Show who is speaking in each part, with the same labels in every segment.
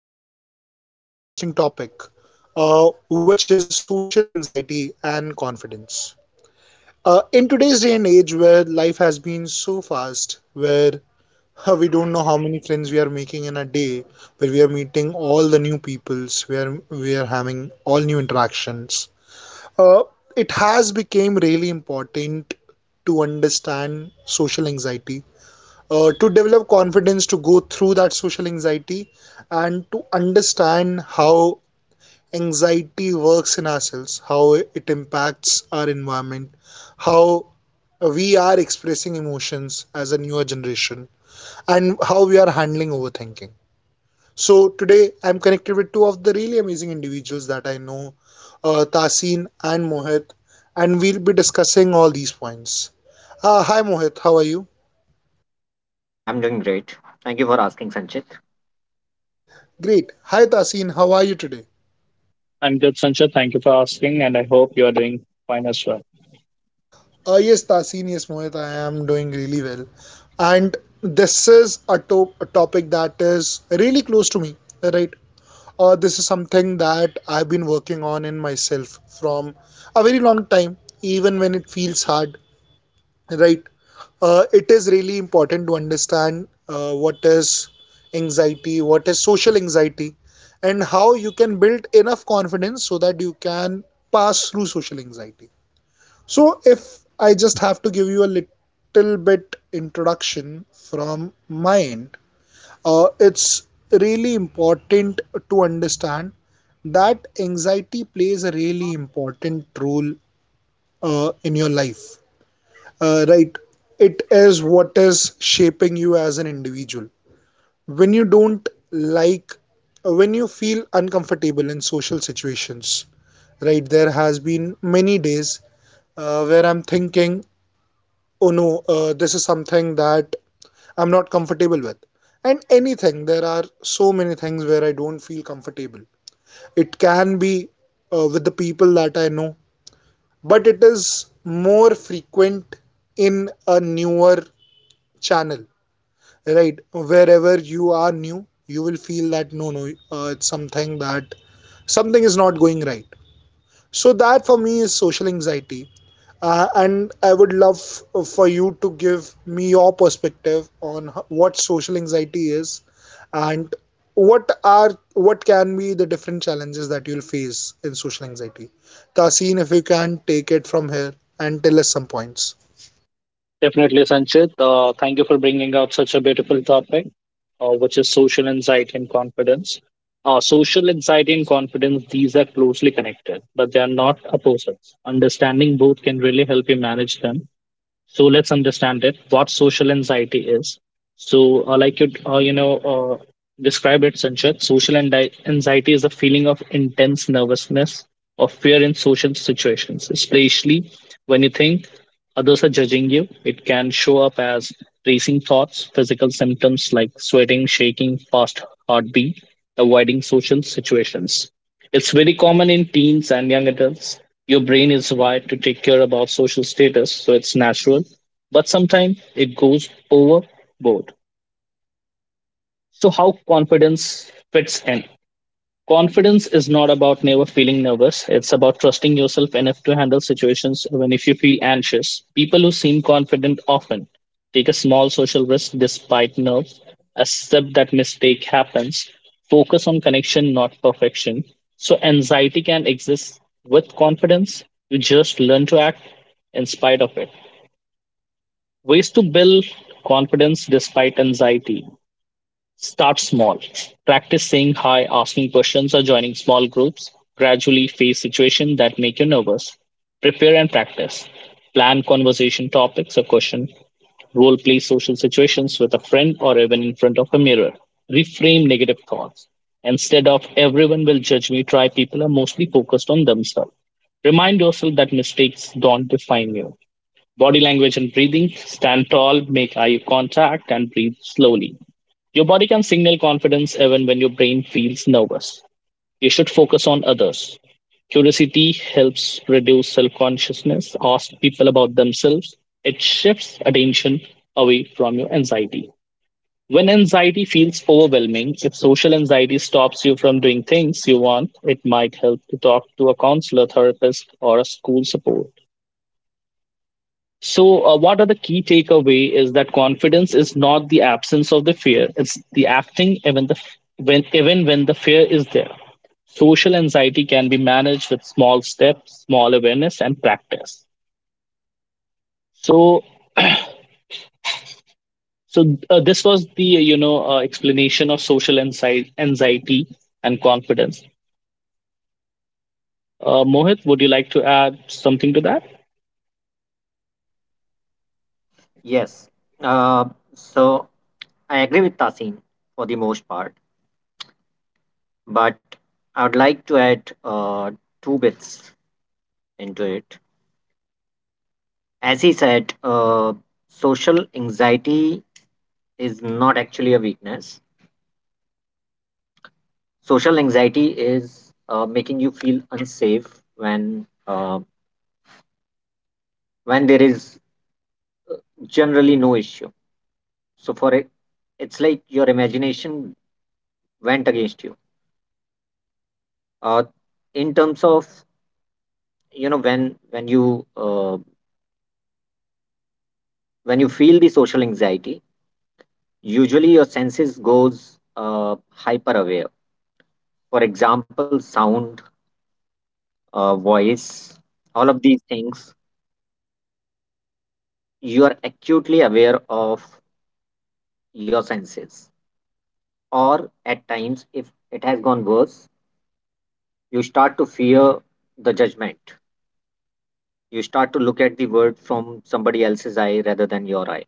Speaker 1: Again, for a really interesting topic, which is social anxiety and confidence. In today's day and age, where life has been so fast, where we don't know how many friends we are making in day, where we are meeting all the new peoples, where we are having all new interactions, uh, it has become really important to understand social anxiety to develop confidence to go through that social anxiety and to understand how anxiety works in ourselves, how it impacts our environment, how we are expressing emotions as a newer generation, and how we are handling overthinking. So, today I'm connected with two of the really amazing individuals that I know, Tasin and Mohit, and we'll be discussing all these points. Hi, Mohit, how are you?
Speaker 2: I'm doing great. Thank you for asking, Sanchit.
Speaker 1: Great. Hi, Tasin, how are you today?
Speaker 3: I'm good, Sanchit. Thank you for asking, and I hope you are doing fine as well.
Speaker 1: Yes, Tasin, yes, Mohit, I am doing really well. And this is a, a topic that is really close to me, right? This is something that I've been working on in myself from a very long time, even when it feels hard, right? It is really important to understand what is anxiety, what is social anxiety, and how you can build enough confidence so that you can pass through social anxiety. So if I just have to give you a little bit introduction from my end, it's really important to understand that anxiety plays a really important role in your life, right? It is what is shaping you as an individual. When you don't like, when you feel uncomfortable in social situations, right? There has been many days where I'm thinking, oh no, this is something that I'm not comfortable with. And anything, there are so many things where I don't feel comfortable. It can be with the people that I know, but it is more frequent in a newer channel, right? Wherever you are new, you will feel that no, no, it's something that something is not going right. So, that for me is social anxiety. And I would love for you to give me your perspective on what social anxiety is and what are what can be the different challenges that you'll face in social anxiety. Tasin, if you can take it from here and tell us some points.
Speaker 3: Definitely, Sanchit. Thank you for bringing out such a beautiful topic, which is social anxiety and confidence. Social anxiety and confidence, these are closely connected, but they are not opposites. Understanding both can really help you manage them. So let's understand it, what social anxiety is. So, like you, you know describe it, Sanchit. Social anxiety is a feeling of intense nervousness or fear in social situations, especially when you think others are judging you. It can show up as racing thoughts, physical symptoms like sweating, shaking, fast heartbeat, avoiding social situations. It's very common in teens and young adults. Your brain is wired to take care about social status, so it's natural. But sometimes it goes overboard. So, how confidence fits in? Confidence is not about never feeling nervous. It's about trusting yourself enough to handle situations even if you feel anxious. People who seem confident often take a small social risk despite nerves, accept that mistake happens, focus on connection, not perfection. So anxiety can exist with confidence. You just learn to act in spite of it. Ways to build confidence despite anxiety. Start small. Practice saying hi, asking questions, or joining small groups. Gradually face situations that make you nervous. Prepare and practice. Plan conversation topics or question. Role play social situations with a friend or even in front of a mirror. Reframe negative thoughts. Instead of everyone will judge me, try people are mostly focused on themselves. Remind yourself that mistakes don't define you. Body language and breathing. Stand tall, make eye contact, and breathe slowly. Your body can signal confidence even when your brain feels nervous. You should focus on others. Curiosity helps reduce self consciousness, ask people about themselves. It shifts attention away from your anxiety. When anxiety feels overwhelming, if social anxiety stops you from doing things you want, it might help to talk to a counselor, therapist, or a school support. So, what are the key takeaway is that confidence is not the absence of the fear; it's the acting even when the fear is there. Social anxiety can be managed with small steps, small awareness, and practice. So, so, this was the, explanation of social anxiety and confidence. Mohit, would you like to add something to that?
Speaker 2: Yes. Uh, so I agree with Tasin for the most part, but I would like to add two bits into it. As he said, social anxiety is not actually a weakness. Social anxiety is making you feel unsafe when when there is generally no issue. So for it, it's like your imagination went against you. Uh, in terms of you know when when you uh, when you feel the social anxiety, usually your senses goes hyper aware, for example sound, voice, all of these things. You are acutely aware of your senses, or at times if it has gone worse, you start to fear the judgment. You start to look at the word from somebody else's eye rather than your eye.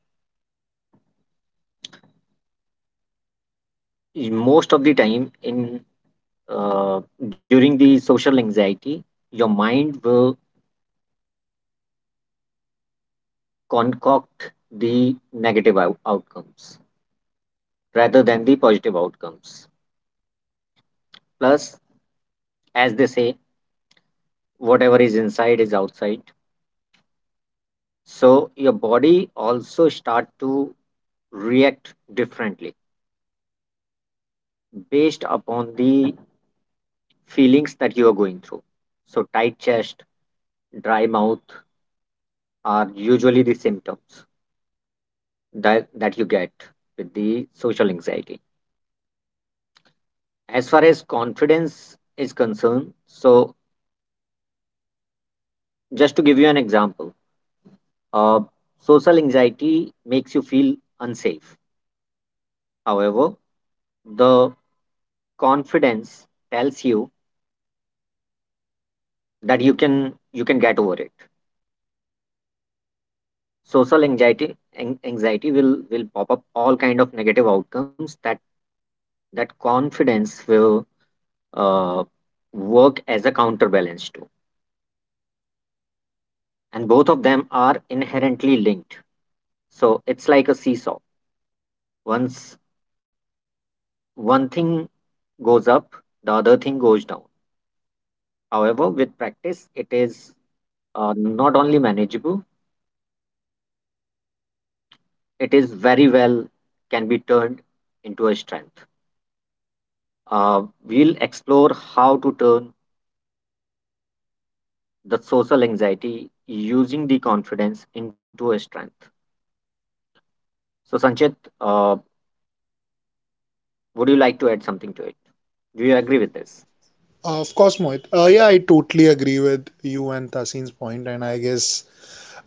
Speaker 2: Most of the time in uh, during the social anxiety, your mind will concoct the negative outcomes rather than the positive outcomes. Plus, as they say, whatever is inside is outside. So your body also start to react differently based upon the feelings that you are going through. So tight chest, dry mouth are usually the symptoms that you get with the social anxiety. As far as confidence is concerned, so just to give you an example, uh, social anxiety makes you feel unsafe. However, the confidence tells you that you can, you can get over it. Social anxiety, anxiety will pop up all kind of negative outcomes that confidence will uh, work as a counterbalance to, and both of them are inherently linked. So it's like a seesaw: once one thing goes up, the other thing goes down. However, with practice, it is not only manageable, it is very well can be turned into a strength. We'll explore how to turn the social anxiety using the confidence into a strength. So, Sanchit, uh, would you like to add something to it? Do you agree with this?
Speaker 1: Of course, Mohit. Yeah, I totally agree with you and Tasin's point, and I guess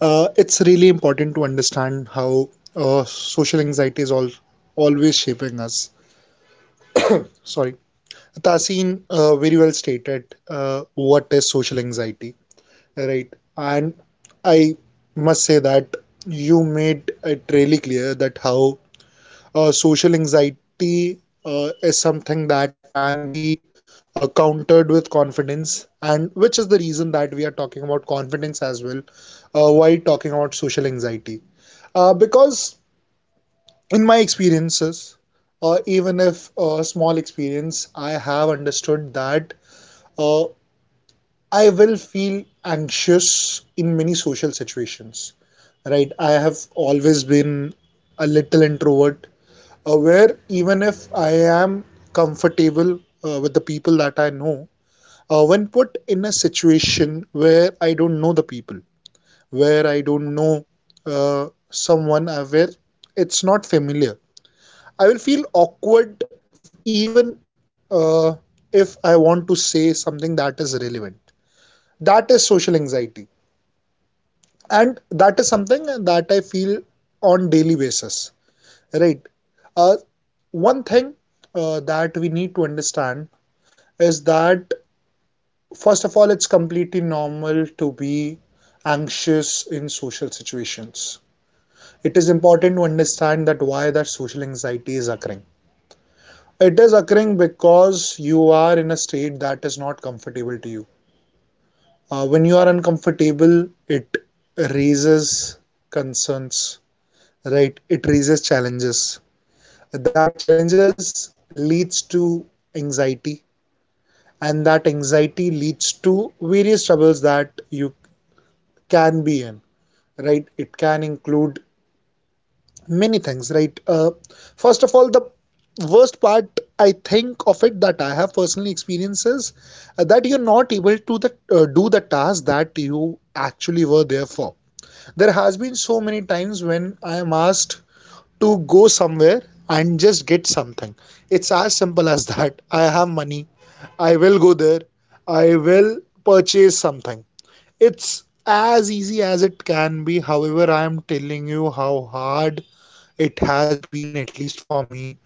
Speaker 1: it's really important to understand how social anxiety is always shaping us. Sorry. Tasin, very well stated what is social anxiety, right? And I must say that you made it really clear that how social anxiety is something that can be countered with confidence, and which is the reason that we are talking about confidence as well while talking about social anxiety. Because in my experiences, even if a small experience, I have understood that uh, I will feel anxious in many social situations, right? I have always been a little introvert, where even if I am comfortable with the people that I know, when put in a situation where I don't know the people, where I don't know someone, where it's not familiar, I will feel awkward even uh, if I want to say something that is relevant. That is social anxiety, and that is something that I feel on daily basis, right? uh, One thing that we need to understand is that, first of all, it's completely normal to be anxious in social situations. It is important to understand that why that social anxiety is occurring. It is occurring because you are in a state that is not comfortable to you. When you are uncomfortable, it raises concerns, right? It raises challenges. That challenges leads to anxiety, and that anxiety leads to various troubles that you can be in, right? It can include many things, right? First of all, the worst part I think of it that I have personally experienced is that you're not able to do the task that you actually were there for. There has been so many times when I am asked to go somewhere and just get something. It's as simple as that. I have money. I will go there. I will purchase something. It's as easy as it can be. However, I am telling you how hard it has been, at least for me,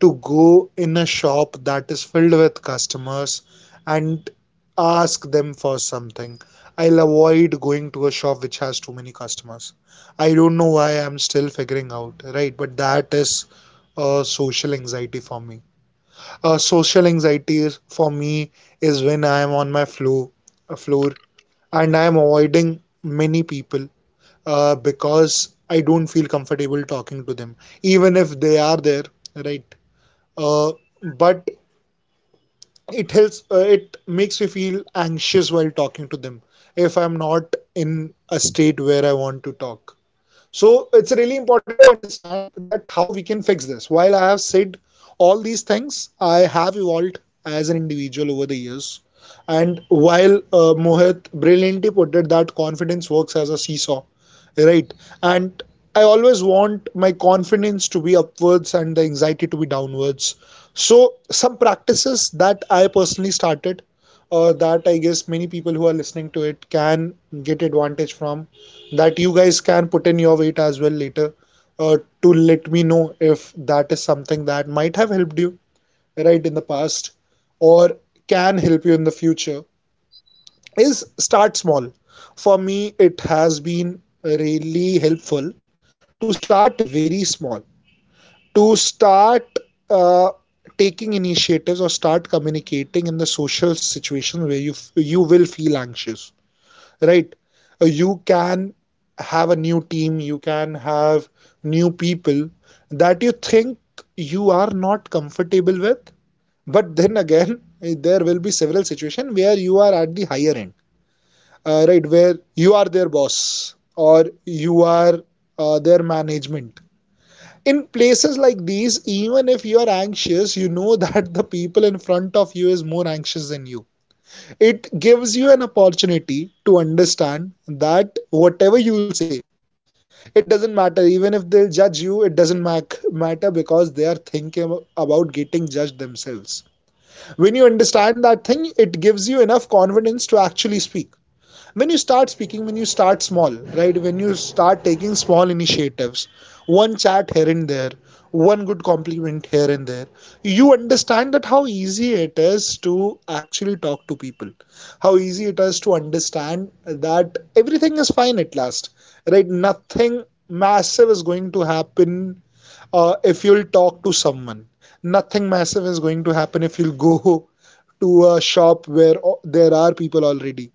Speaker 1: to go in a shop that is filled with customers and ask them for something. I'll avoid going to a shop which has too many customers. I don't know why. I'm still figuring out, right? But that is social anxiety for me. Social anxiety is for me is when I am on my floor, uh, floor and I am avoiding many people because I don't feel comfortable talking to them, even if they are there, right? Uh, but it helps. It makes me feel anxious while talking to them if I'm not in a state where I want to talk. So it's really important to understand that how we can fix this. While I have said all these things, I have evolved as an individual over the years. And while Mohit brilliantly put it that confidence works as a seesaw, right? And I always want my confidence to be upwards and the anxiety to be downwards. So some practices that I personally started, that I guess many people who are listening to it can get advantage from, that you guys can put in your weight as well later to let me know if that is something that might have helped you, right, in the past or can help you in the future is: start small. For me, it has been really helpful to start very small, to start uh, taking initiatives or start communicating in the social situation where you will feel anxious, right? You can have a new team, you can have new people that you think you are not comfortable with. But then again, there will be several situations where you are at the higher end, right? Where you are their boss or you are their management. In places like these, even if you are anxious, you know that the people in front of you is more anxious than you. It gives you an opportunity to understand that whatever you'll say, it doesn't matter. Even if they'll judge you, it doesn't matter, because they are thinking about getting judged themselves. When you understand that thing, it gives you enough confidence to actually speak. When you start speaking, when you start small, right, when you start taking small initiatives, one chat here and there, one good compliment here and there, you understand that how easy it is to actually talk to people, how easy it is to understand that everything is fine at last, right? Nothing massive is going to happen if you'll talk to someone. Nothing massive is going to happen if you'll go to a shop where there are people already.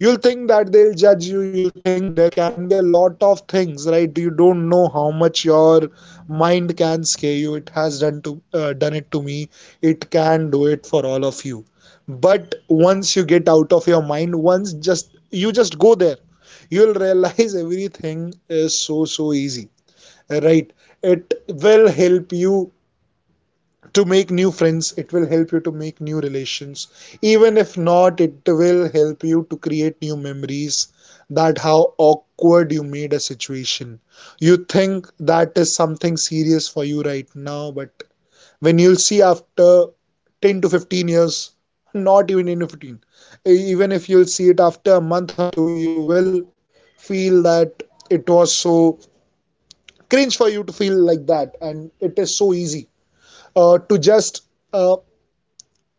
Speaker 1: You'll think that they'll judge you, you'll think there can be a lot of things, right? You don't know how much your mind can scare you. It has done to, done it to me. It can do it for all of you. But once you get out of your mind, once just you just go there, you'll realize everything is so, so easy, right? It will help you to make new friends. It will help you to make new relations. Even if not, it will help you to create new memories, that how awkward you made a situation you think that is something serious for you right now. But when you'll see after 10 to 15 years, not even 10 to 15, even if you'll see it after a month or two, you will feel that it was so cringe for you to feel like that, and it is so easy to just uh,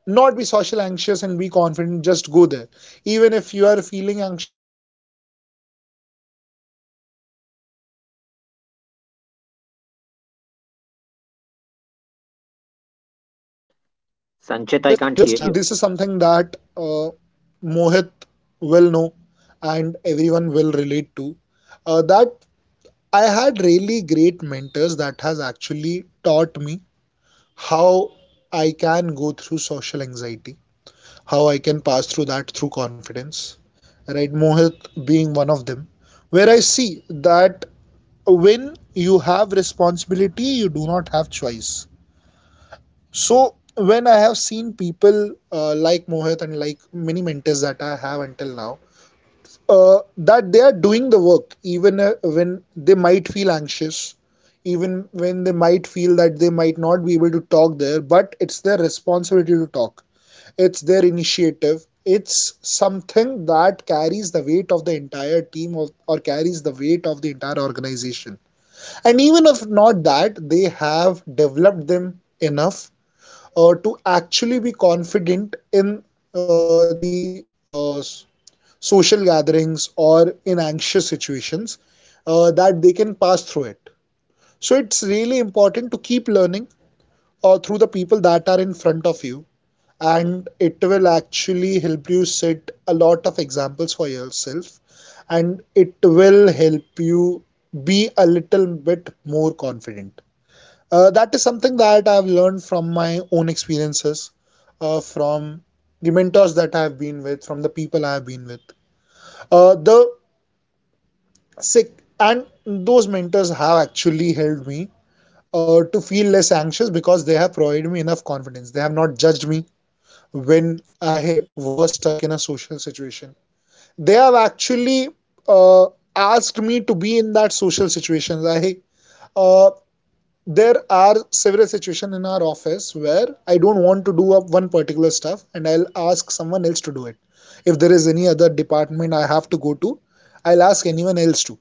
Speaker 1: not be social anxious and be confident. Just go there. Even if you are feeling anxious, just go there, try, right? Just one small step can uh, help you a lot. uh, Also,
Speaker 2: Sanchit, I can't
Speaker 1: this
Speaker 2: hear
Speaker 1: is
Speaker 2: you.
Speaker 1: something that Mohit will know and everyone will relate to, that I had really great mentors that has actually taught me how I can go through social anxiety, how I can pass through that through confidence, right? Mohit being one of them, where I see that when you have responsibility, you do not have choice. So, when I have seen people like Mohit and like many mentors that I have until now, that they are doing the work even when they might feel anxious, even when they might feel that they might not be able to talk there, but it's their responsibility to talk. It's their initiative. It's something that carries the weight of the entire team, or carries the weight of the entire organization. And even if not that, they have developed them enough to actually be confident in the social gatherings or in anxious situations, that they can pass through it. So it's really important to keep learning through the people that are in front of you, and it will actually help you set a lot of examples for yourself, and it will help you be a little bit more confident. That is something that I've learned from my own experiences, from the mentors that I've been with, from the people I've been with. The sick and those mentors have actually helped me to feel less anxious because they have provided me enough confidence. They have not judged me when I was stuck in a social situation. They have actually uh, asked me to be in that social situation. I uh, there are several situations in our office where I don't want to do one particular stuff, and I'll ask someone else to do it. If there is any other department I have to go to, I'll ask anyone else to.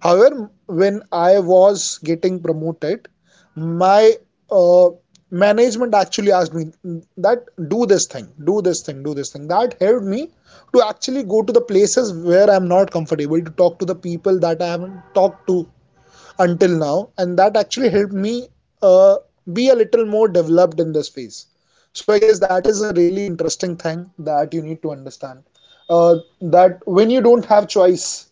Speaker 1: However, when I was getting promoted, my uh, management actually asked me that, do this thing, do this thing, do this thing. That helped me to actually go to the places where I'm not comfortable, to talk to the people that I haven't talked to until now, and that actually helped me uh, be a little more developed in this phase. So I guess that is a really interesting thing that you need to understand. That when you don't have choice,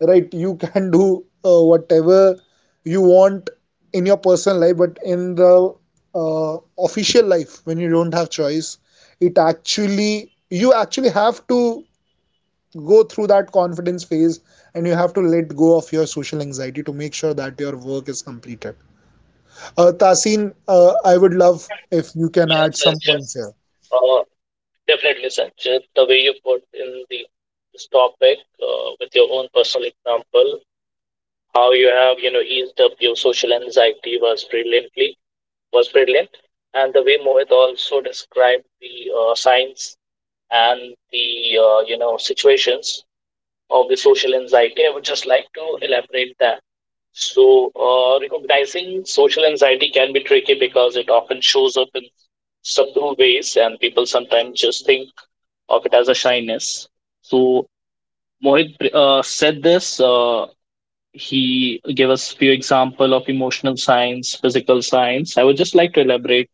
Speaker 1: right, you can do whatever you want in your personal life, but in the official life, when you don't have choice, it actually, you actually have to go through that confidence phase and you have to let go of your social anxiety to make sure that your work is completed. Tasin, I would love if you can add
Speaker 3: Yes,
Speaker 1: some
Speaker 3: Sanchit.
Speaker 1: points here.
Speaker 3: Definitely, Sanchit. The way you put in the this topic, with your own personal example, how you have, eased up your social anxiety was brilliant, and the way Mohit also described the, signs and the, situations of the social anxiety. I would just like to elaborate that. So, recognizing social anxiety can be tricky because it often shows up in subtle ways, and people sometimes just think of it as a shyness. So Mohit, said this. He gave us few example of emotional science, physical science. I would just like to elaborate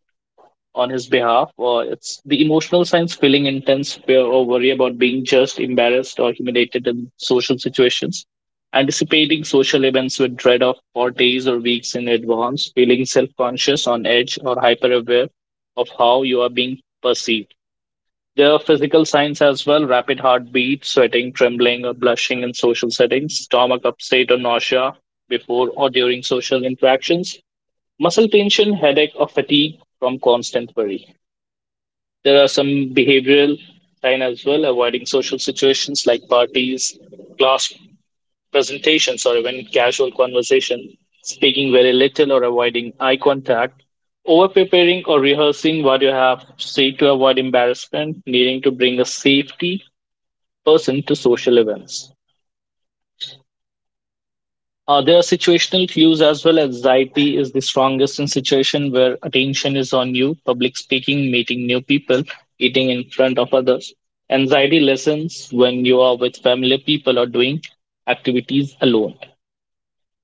Speaker 3: on his behalf. It's the emotional science, feeling intense fear or worry about being judged, embarrassed, or humiliated in social situations. Anticipating social events with dread of for days or weeks in advance, feeling self conscious, on edge, or hyper aware of how you are being perceived. There are physical signs as well. Rapid heartbeat, sweating, trembling, or blushing in social settings, stomach upset or nausea before or during social interactions, muscle tension, headache, or fatigue from constant worry. There are some behavioral signs as well, avoiding social situations like parties, class presentations, or even casual conversation, speaking very little or avoiding eye contact, over preparing or rehearsing what you have to say to avoid embarrassment, needing to bring a safety person to social events. There are situational cues as well. Anxiety is the strongest in situation where attention is on you, public speaking, meeting new people, eating in front of others. Anxiety lessens when you are with familiar people or doing activities alone.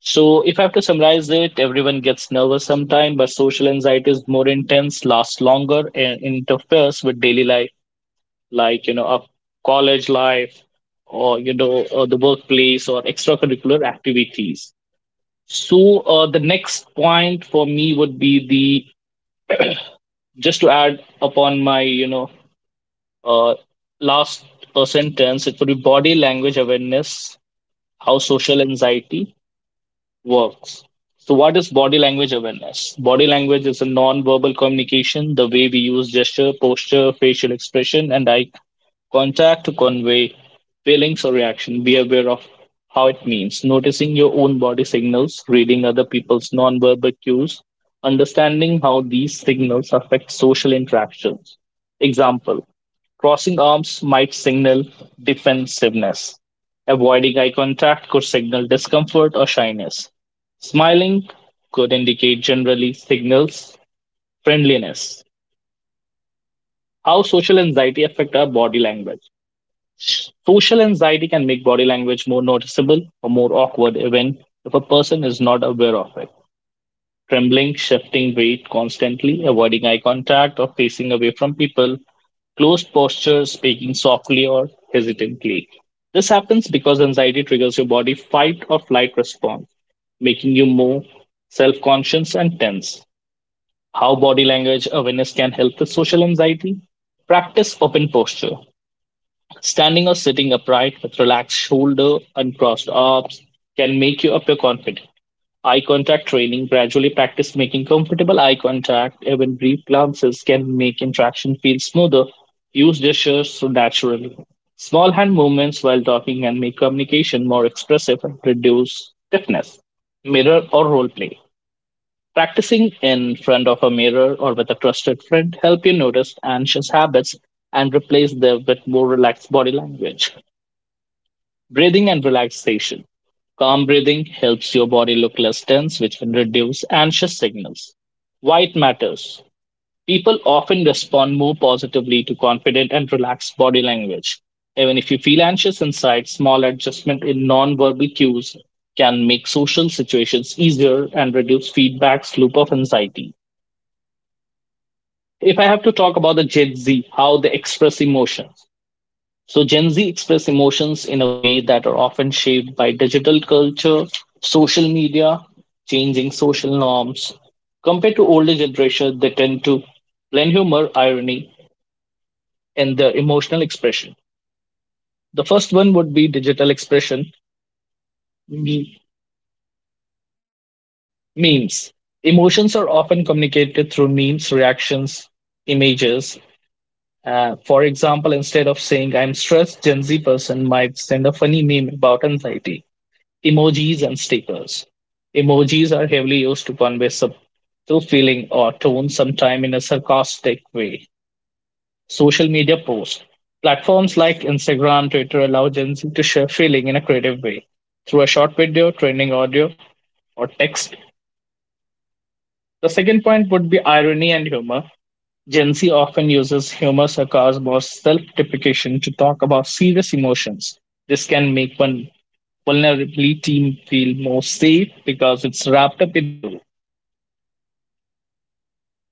Speaker 3: So, if I have to summarize it, everyone gets nervous sometime, but social anxiety is more intense, lasts longer, and interferes with daily life, like, of college life or, the workplace or extracurricular activities. So, the next point for me would be, the just to add upon my, uh, last, sentence, it would be body language awareness, how social anxiety works. So, what is body language awareness? Body language is a non verbal communication, the way we use gesture, posture, facial expression, and eye contact to convey feelings or reaction. Be aware of how it means. Noticing your own body signals, reading other people's non verbal cues, understanding how these signals affect social interactions. Example crossing arms might signal defensiveness. Avoiding eye contact could signal discomfort or shyness. Smiling could indicate generally signals friendliness. How social anxiety affect our body language? Social anxiety can make body language more noticeable or more awkward even if a person is not aware of it. Trembling, shifting weight constantly, avoiding eye contact or facing away from people, closed postures, speaking softly or hesitantly. This happens because anxiety triggers your body fight or flight response, making you more self conscious and tense. How body language awareness can help with social anxiety. Practice open posture. Standing or sitting upright with relaxed shoulder and crossed arms can make you appear confident. Eye contact training. Gradually practice making comfortable eye contact. Even brief glances can make interaction feel smoother. Use gestures so naturally. Small hand movements while talking can make communication more expressive and reduce stiffness. Mirror or role play. Practicing in front of a mirror or with a trusted friend help you notice anxious habits and replace them with more relaxed body language. Breathing and relaxation. Calm breathing helps your body look less tense, which can reduce anxious signals. White matters. People often respond more positively to confident and relaxed body language. Even if you feel anxious inside, small adjustment in non-verbal cues can make social situations easier and reduce feedback's loop of anxiety. If I have to talk about the Gen Z, how they express emotions. So, Gen Z express emotions in a way that are often shaped by digital culture, social media, changing social norms. Compared to older generation, they tend to blend humor, irony, and the emotional expression. The first one would be digital expression, me- memes. Emotions are often communicated through memes, reactions, images. For example, instead of saying I'm stressed, Gen Z person might send a funny meme about anxiety, emojis and stickers. Emojis are heavily used to convey subtle feeling or tone, sometime in a sarcastic way. Social media posts. Platforms like Instagram, Twitter allow Gen Z to share feeling in a creative way through a short video, trending audio, or text. The second point would be irony and humor. Gen Z often uses humor, sarcasm, or self deprecation to talk about serious emotions. This can make one vulnerability feel more safe because it's wrapped up in a joke.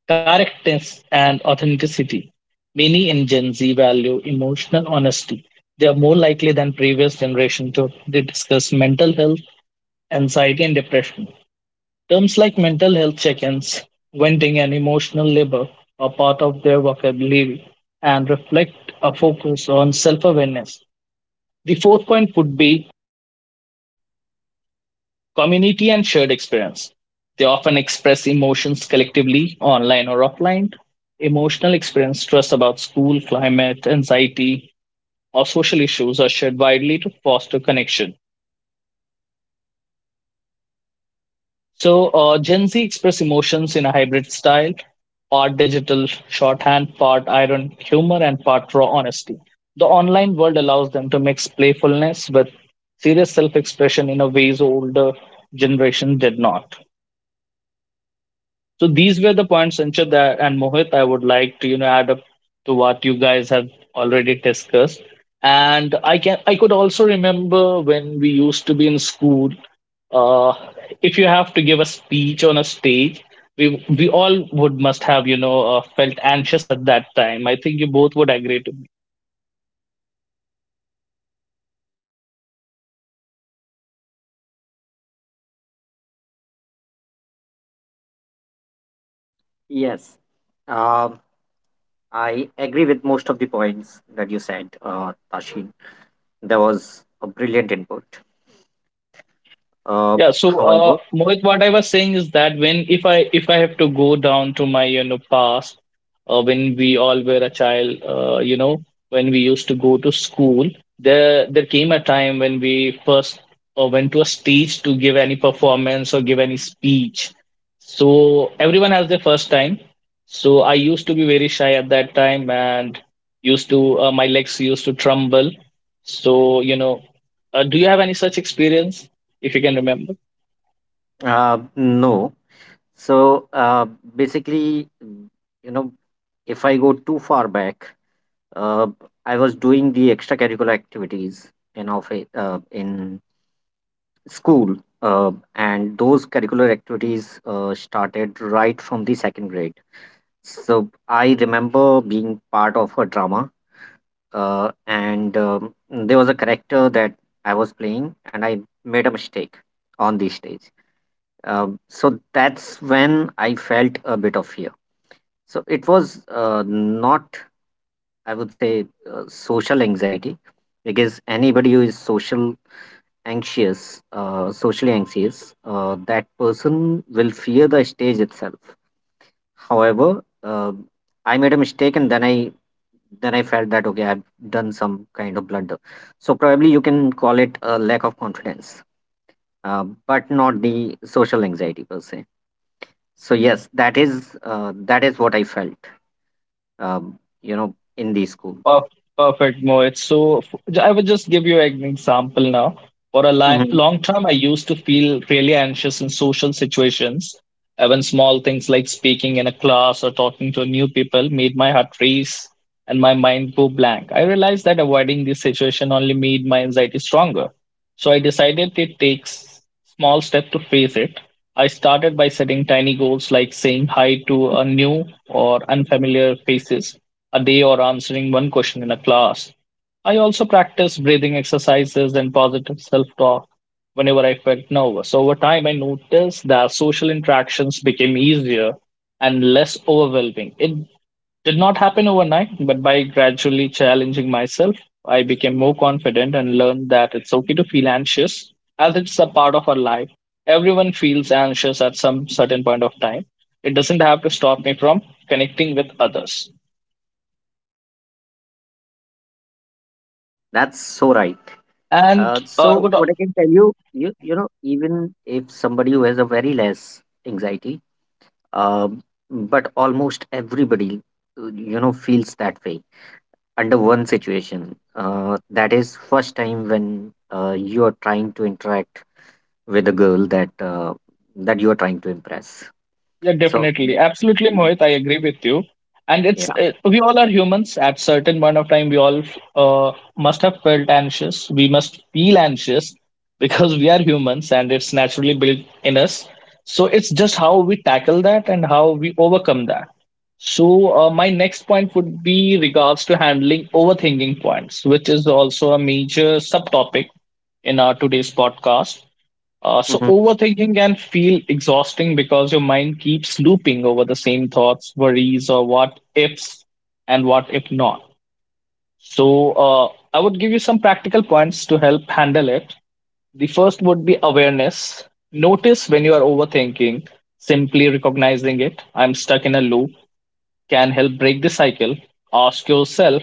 Speaker 3: Correctness and authenticity. Many in Gen Z value emotional honesty. They are more likely than previous generation to they discuss mental health, anxiety, and depression. Terms like mental health check ins, venting, and emotional labor are part of their vocabulary and reflect a focus on self awareness. The fourth point would be community and shared experience. They often express emotions collectively, online or offline. Emotional experience, stress about school, climate, anxiety, or social issues are shared widely to foster connection. So, Gen Z express emotions in a hybrid style, part digital shorthand, part iron humor, and part raw honesty. The online world allows them to mix playfulness with serious self expression in a ways older generation did not. So these were the points, Sanchit, and Mohit, I would like to, add up to what you guys have already discussed. And I could also remember when we used to be in school. Uh, if you have to give a speech on a stage, we we all would must have, felt anxious at that time. I think you both would agree.
Speaker 2: Yes. Um, I agree with most of the points that you said, Tashin. There was a brilliant input. Uh,
Speaker 3: Yeah, so,
Speaker 2: however,
Speaker 3: Mohit, what I was saying is that when if I have to go down to my, past, when we all were a child, when we used to go to school, there came a time when we first, went to a stage to give any performance or give any speech. So everyone has their first time. So I used to be very shy at that time and used to my legs used to tremble. So, do you have any such experience, if you can remember?
Speaker 2: no. So basically, mm, you know, if I go too far back, uh, I was doing the extracurricular activities in of in school, and those curricular activities started right from the second grade. So I remember being part of a drama, and there was a character that I was playing, and I made a mistake on the stage. So that's when I felt a bit of fear. So it was not, I would say, social anxiety, because anybody who is social anxious, socially anxious, that person will fear the stage itself. However, I made a mistake, and then I felt that okay, I've done some kind of blunder. So probably you can call it a lack of confidence, but not the social anxiety per se. So yes, that is what I felt. In the school.
Speaker 3: Perf- Perfect, Mohit. I would just give you an example now. For a li-
Speaker 2: Mhm.
Speaker 3: long time, I used to feel really anxious in social situations. When small things like speaking in a class or talking to new people made my heart race and my mind go blank. I realized that avoiding this situation only made my anxiety stronger. So I decided it takes small step to face it. I started by setting tiny goals like saying hi to a new or unfamiliar faces a day or answering one question in a class. I also practiced breathing exercises and positive self-talk whenever I felt nervous. Over time, I noticed that social interactions became easier and less overwhelming. It did not happen overnight, but by gradually challenging myself, I became more confident and learned that it's okay to feel anxious as it's a part of our life. Everyone feels anxious at some certain point of time. It doesn't have to stop me from connecting with others.
Speaker 2: That's so right.
Speaker 3: And
Speaker 2: Uh,
Speaker 3: I
Speaker 2: so
Speaker 3: would.
Speaker 2: what I can tell you, you know, even if somebody who has a very less anxiety, um, but almost everybody, feels that way under one situation. That is first time when you are trying to interact with a girl that you are trying to impress.
Speaker 3: Yeah,
Speaker 2: So
Speaker 3: definitely. Absolutely,
Speaker 2: mm,
Speaker 3: Mohit. I agree with you. And it's
Speaker 2: yeah.
Speaker 3: we all are humans. At certain point of time, we all must have felt anxious. We must feel anxious because we are humans, and it's naturally built in us. So it's just how we tackle that and how we overcome that. So my next point would be regards to handling overthinking points, which is also a major subtopic in our today's podcast. So overthinking can feel exhausting because your mind keeps looping over the same thoughts, worries, or what ifs and what if not. So I would give you some practical points to help handle it. The first would be awareness. Notice when you are overthinking, simply recognizing it. I'm stuck in a loop can help break the cycle. Ask yourself,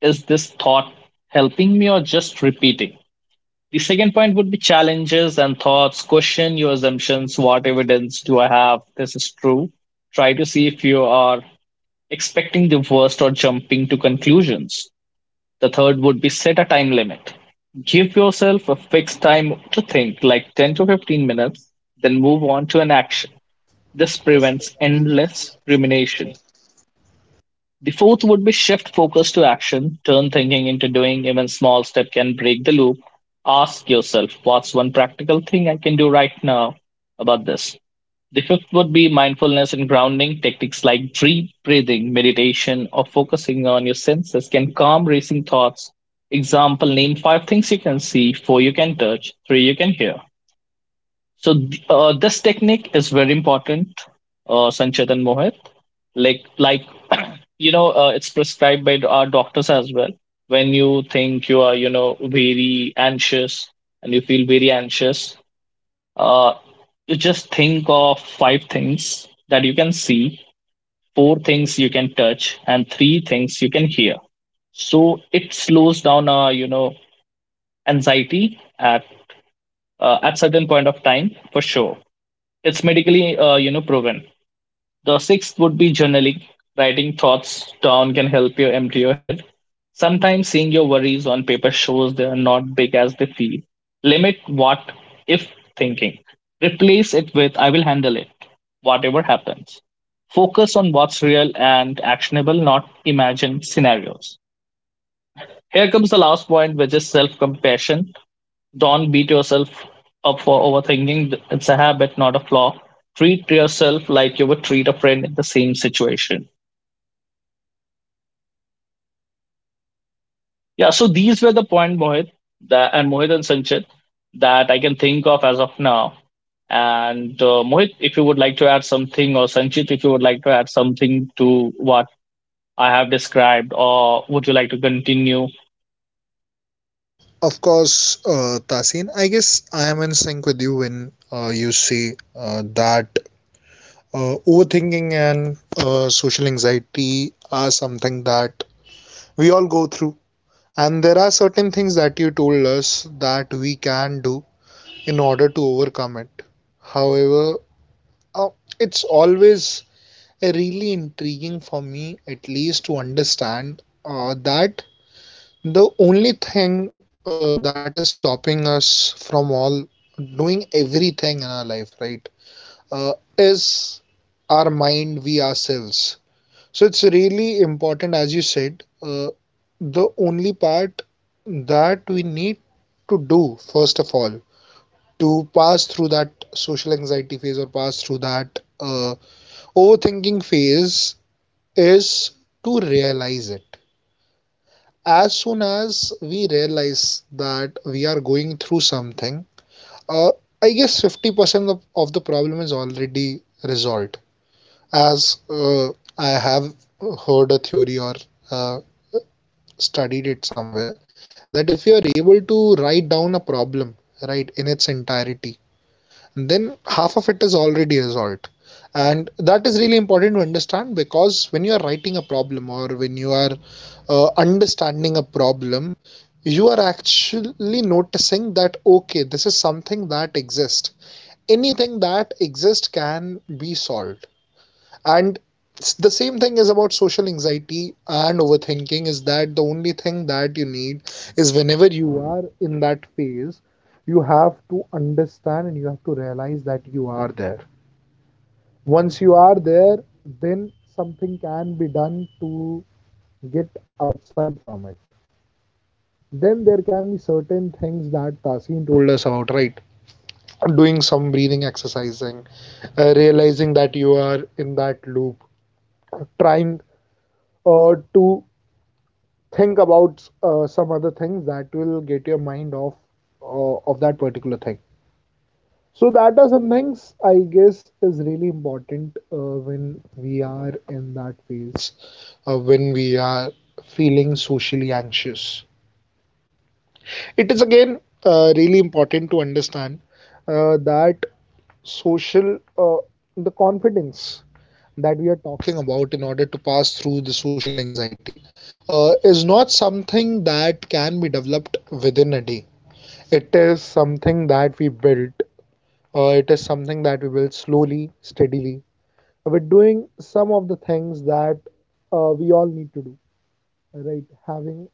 Speaker 3: is this thought helping me or just repeating? The second point would be challenges and thoughts. Question your assumptions. What evidence do I have this is true? Try to see if you are expecting the worst or jumping to conclusions. The third would be set a time limit. Give yourself a fixed time to think, like 10 to 15 minutes, then move on to an action. This prevents endless rumination. The fourth would be shift focus to action, turn thinking into doing. Even small step can break the loop. Ask yourself, what's one practical thing I can do right now about this? The fifth would be mindfulness and grounding. Techniques like deep breathing, meditation, or focusing on your senses can calm racing thoughts. Example, name five things you can see, four you can touch, three you can hear. So this technique is very important, Sanchit and Mohit. Like it's prescribed by our doctors as well. When you think you are very anxious and you feel very anxious, uh, you just think of five things that you can see, four things you can touch, and three things you can hear. So it slows down our anxiety at certain point of time for sure. It's medically, proven. The sixth would be journaling. Writing thoughts down can help you empty your head. Sometimes seeing your worries on paper shows they are not big as they feel. Limit what if thinking. Replace it with I will handle it, whatever happens. Focus on what's real and actionable, not imagined scenarios. Here comes the last point, which is self compassion. Don't beat yourself up for overthinking. It's a habit, not a flaw. Treat yourself like you would treat a friend in the same situation. Yeah, so these were the point, Mohit, that, and Mohit and Sanchit, that I can think of as of now. And Mohit, if you would like to add something, or Sanchit, if you would like to add something to what I have described, or would you like to continue,
Speaker 1: Of course, Tasin, I guess I am in sync with you when you say that overthinking and social anxiety are something that we all go through. And there are certain things that you told us that we can do in order to overcome it. However, uh, it's always really intriguing for me, at least, to understand that the only thing that is stopping us from all doing everything in our life, right, is our mind, we ourselves. So it's really important, as you said, the only part that we need to do, first of all, to pass through that social anxiety phase or pass through that overthinking phase is to realize it. As soon as we realize that we are going through something, uh, I guess 50% of the problem is already resolved. As I have heard a theory or uh, studied it somewhere, that if you are able to write down a problem, right, in its entirety, then half of it is already resolved. And that is really important to understand, because when you are writing a problem or when you, understanding a problem, you are actually noticing that, okay, this is something that exists. Anything that exists can be solved. And the same thing is about social anxiety and overthinking, is that the only thing that you need is, whenever you are in that phase, you have to understand and you have to realize that you are there. Once you are there, then something can be done to get outside from it. Then there can be certain things that Tasin told us about, right? Doing some breathing exercising, realizing that you are in that loop, trying to think about some other things that will get your mind off of that particular thing. So that are some things, I guess, is really important when we are in that phase, when we are feeling socially anxious. It is again really important to understand that social, the confidence that we are talking about in order to pass through the social anxiety is not something that can be developed within a day. It is something that we build. It is something that we build slowly, steadily. We're doing some of the things that we all need to do, right? Having,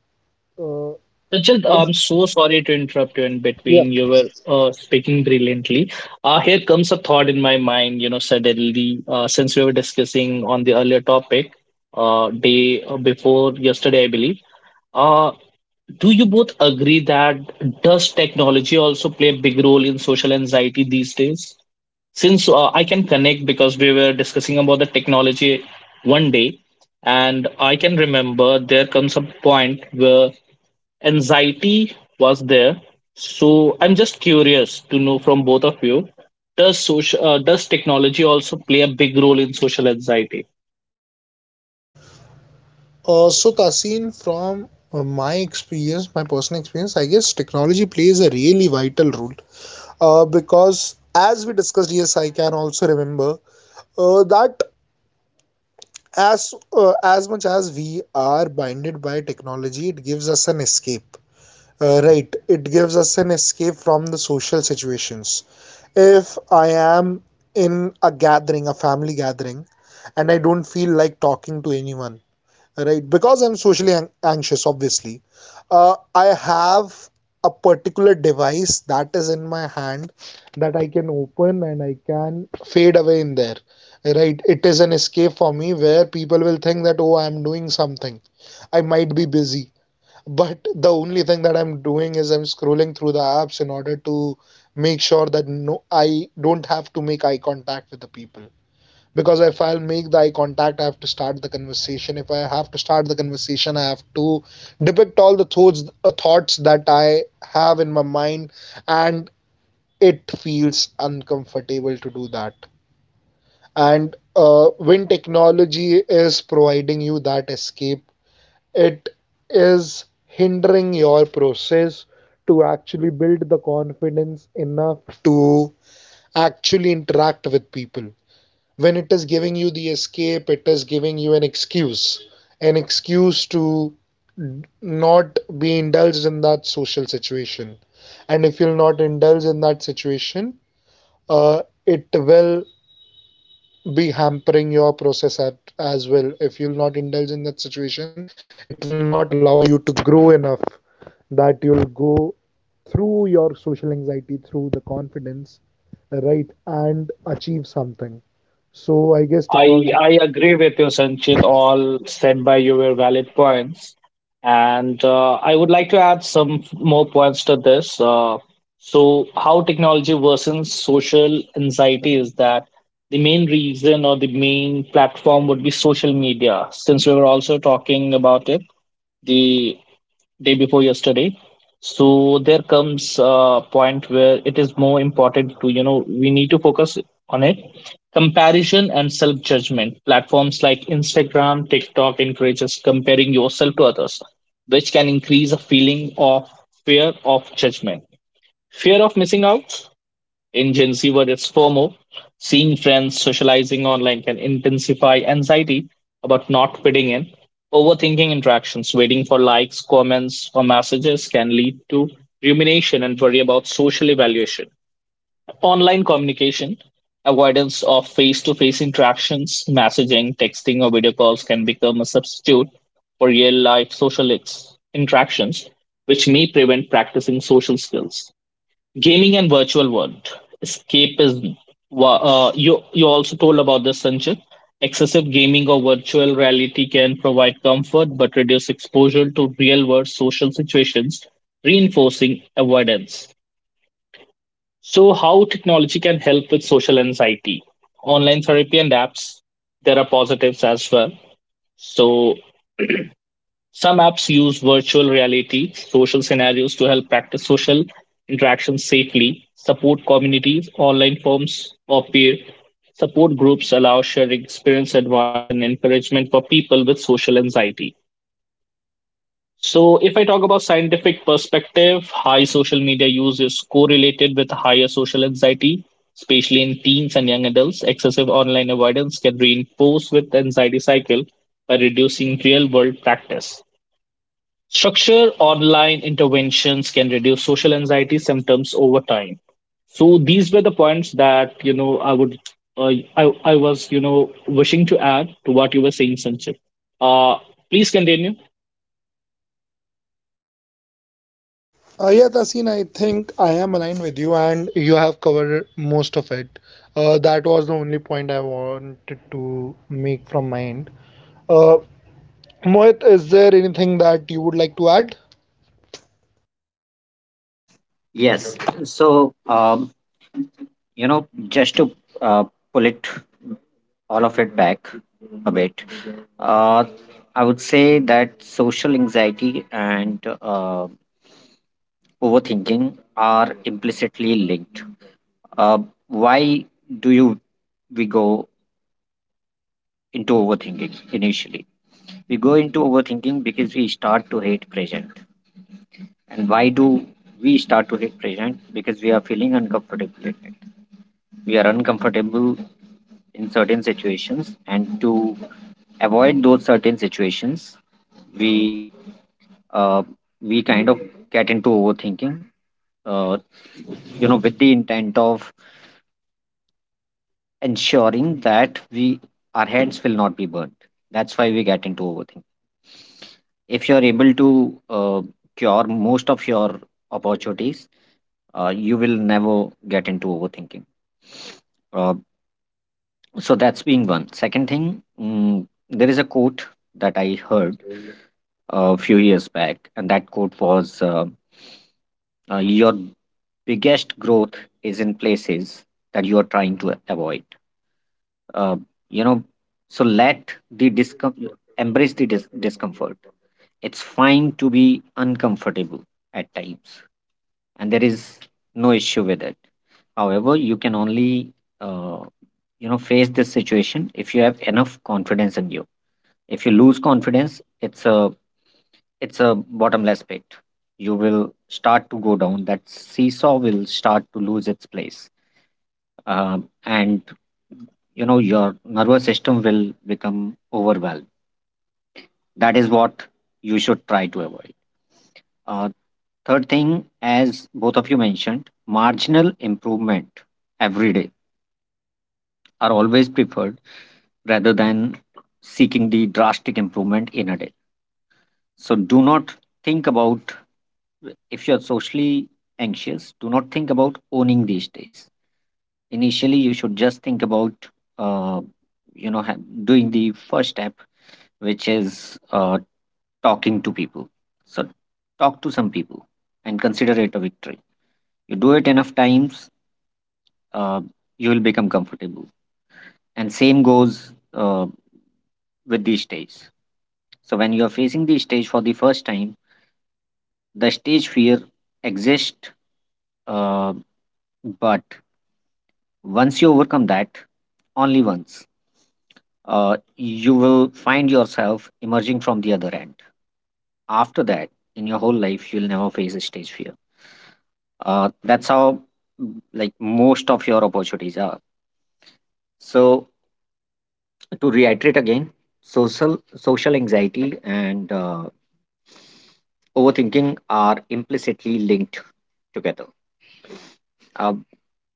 Speaker 1: uh,
Speaker 3: Richard? I'm so sorry to interrupt you in
Speaker 1: yeah.
Speaker 3: between. You were speaking brilliantly. Here comes a thought in my mind, suddenly, since we were discussing on the earlier topic, day before yesterday, I believe. Uh, do you both agree that does technology also play a big role in social anxiety these days? Since I can connect because we were discussing about the technology one day, and I can remember there comes a point where anxiety was there. So I'm just curious to know from both of you, does social does technology also play a big role in social anxiety?
Speaker 1: So, Tasin, from my experience, my personal experience, I guess technology plays a really vital role. Because as we discussed, yes, I can also remember that as much as we are binded by technology, it gives us an escape. Right, it gives us an escape from the social situations. If I am in a gathering, a family gathering, and I don't feel like talking to anyone, right, because I'm socially anxious, obviously, I have a particular device that is in my hand that I can open and I can fade away in there, right. It is an escape for me where people will think that, oh, I'm doing something, I might be busy, but the only thing that I'm doing is I'm scrolling through the apps in order to make sure that no, I don't have to make eye contact with the people. Because if I'll make the eye contact, I have to start the conversation. If I have to start the conversation, I have to depict all the thoughts, thoughts that I have in my mind, and it feels uncomfortable to do that. And when technology is providing you that escape, it is hindering your process to actually build the confidence enough to actually interact with people. When it is giving you the escape, it is giving you an excuse to not be indulged in that social situation. And if you'll not indulge in that situation, it will be hampering your process at, as well. If you'll not indulge in that situation, it will not allow you to grow enough that you'll go through your social anxiety, through the confidence, right, and achieve something. So I guess
Speaker 3: I
Speaker 1: technology,
Speaker 3: I agree with you, Sanchit. All said by you were valid points, and I would like to add some more points to this. So, how technology worsens social anxiety is that the main reason or the main platform would be social media. Since we were also talking about it, the day before yesterday, so there comes a point where it is more important to we need to focus on it. Comparison and self judgment platforms like Instagram, TikTok encourages comparing yourself to others, which can increase a feeling of fear of judgment, fear of missing out. In Gen Z words, FOMO, seeing friends socializing online can intensify anxiety about not fitting in. Overthinking interactions, waiting for likes, comments, or messages can lead to rumination and worry about social evaluation. Online communication, avoidance of face to face interactions, messaging, texting, or video calls can become a substitute for real life social interactions, which may prevent practicing social skills. Gaming and virtual world escapism. You also told about this, Sanchit. Excessive gaming or virtual reality can provide comfort but reduce exposure to real world social situations, reinforcing avoidance. So, how technology can help with social anxiety? Online therapy and apps. There are positives as well. So, some apps use virtual reality social scenarios to help practice social interactions safely. Support communities, online forms of peer support groups allow sharing experience, advice, and encouragement for people with social anxiety. So, if I talk about scientific perspective, high social media use is correlated with higher social anxiety, especially in teens and young adults. Excessive online avoidance can reinforce with anxiety cycle by reducing real world practice. Structured online interventions can reduce social anxiety symptoms over time. So these were the points that I would I was wishing to add to what you were saying, Sanchit. Uh, Please continue.
Speaker 1: Yeah, Tasin, I think I am aligned with you, and you have covered most of it. That was the only point I wanted to make from my end. Uh, Mohit, is there anything that you would like to add?
Speaker 2: Yes. So, um, just to uh, pull it all of it back a bit, uh, I would say that social anxiety and overthinking are implicitly linked. Uh, why do you we go into overthinking initially? We go into overthinking because we start to hate present. And why do we start to hate present? Because we are feeling uncomfortable in it. We are uncomfortable in certain situations, and to avoid those certain situations, we uh, we kind of get into overthinking, uh, with the intent of ensuring that we our heads will not be burnt. That's why we get into overthinking. If you're able to uh, cure most of your opportunities, you will never get into overthinking. Uh, so that's being one. Second thing, mm, there is a quote that I heard a few years back, and that quote was your biggest growth is in places that you are trying to avoid. Uh, you know, so let embrace the discomfort. It's fine to be uncomfortable at times, and there is no issue with it. However, you can only uh, face this situation if you have enough confidence in you. If you lose confidence, it's a, it's a bottomless pit. You will start to go down. That seesaw will start to lose its place. Um and you know your nervous system will become overwhelmed. That is what you should try to avoid. Uh, third thing, as both of you mentioned, marginal improvement every day are always preferred rather than seeking the drastic improvement in a day. So do not think about, if you're socially anxious, do not think about owning these days. Initially, you should just think about, uh, you know, ha- doing the first step, which is talking to people. So talk to some people and consider it a victory. You do it enough times, uh, you will become comfortable. And same goes with these days. So when you are facing the stage for the first time, the stage fear exists, uh, but once you overcome that, only once, you will find yourself emerging from the other end. After that, in your whole life, you'll never face a stage fear. That's how mm, like most of your opportunities are. So to reiterate again, social anxiety and overthinking are implicitly linked together. Uh,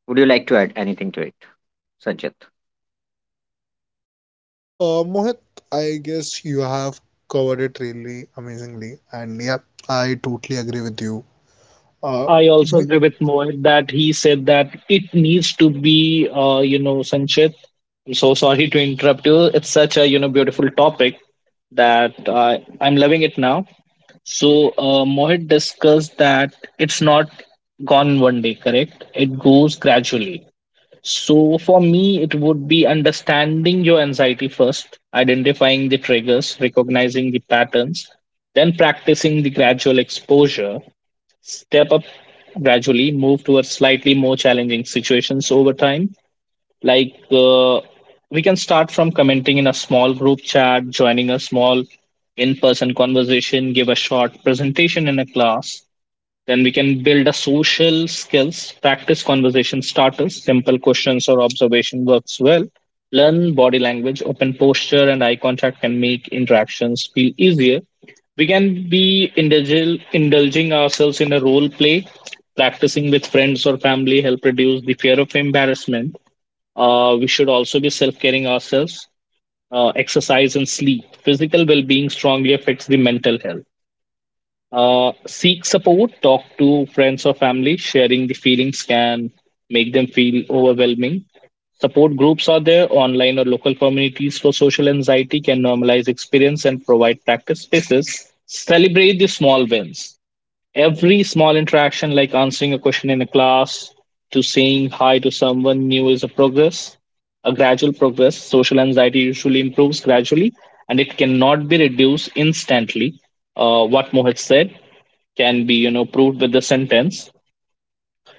Speaker 2: would you like to add anything to it, Sanjit?
Speaker 1: Mohit, I guess you have covered it really amazingly, and yeah, I totally agree with you. Uh,
Speaker 3: I also
Speaker 1: we-
Speaker 3: agree with Mohit that he said that it needs to be Sanchit. I'm so sorry to interrupt you. It's such a beautiful topic that I'm loving it now. So Mohit discussed that it's not gone one day, correct? It goes gradually. So for me, it would be understanding your anxiety first, identifying the triggers, recognizing the patterns, then practicing the gradual exposure, step up gradually, move towards slightly more challenging situations over time, like we can start from commenting in a small group chat, joining a small in person conversation, give a short presentation in a class. Then we can build a social skills, practice conversation starters, simple questions or observation works well. Learn body language, open posture, and eye contact can make interactions feel easier. We can be indulging ourselves in a role play, practicing with friends or family help reduce the fear of embarrassment. Uh, we should also be self caring ourselves. Exercise and sleep. Physical well being strongly affects the mental health. Seek support, talk to friends or family. Sharing the feelings can make them feel overwhelming. Support groups are there, online or local communities for social anxiety can normalize experience and provide practice spaces. Celebrate the small wins. Every small interaction, like answering a question in a class to saying hi to someone new, is a progress, a gradual progress. Social anxiety usually improves gradually and it cannot be reduced instantly. What Mohit said can be, proved with the sentence.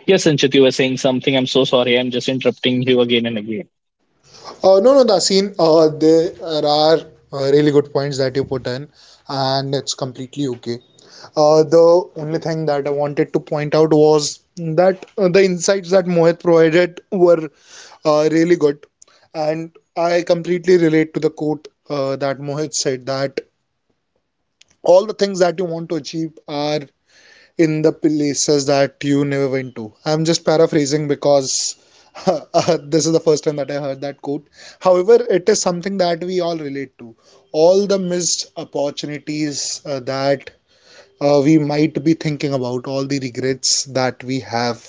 Speaker 3: Yes, Sanchit, you were saying something. I'm so sorry. I'm just interrupting you again and again.
Speaker 1: No, no, Dasin, there are really good points that you put in, and it's completely okay. The only thing that I wanted to point out was that the insights that Mohit provided were really good, and I completely relate to the quote that Mohit said, that all the things that you want to achieve are in the places that you never went to. I'm just paraphrasing because uh, this is the first time that I heard that quote. However, it is something that we all relate to. All the missed opportunities that we might be thinking about, all the regrets that we have,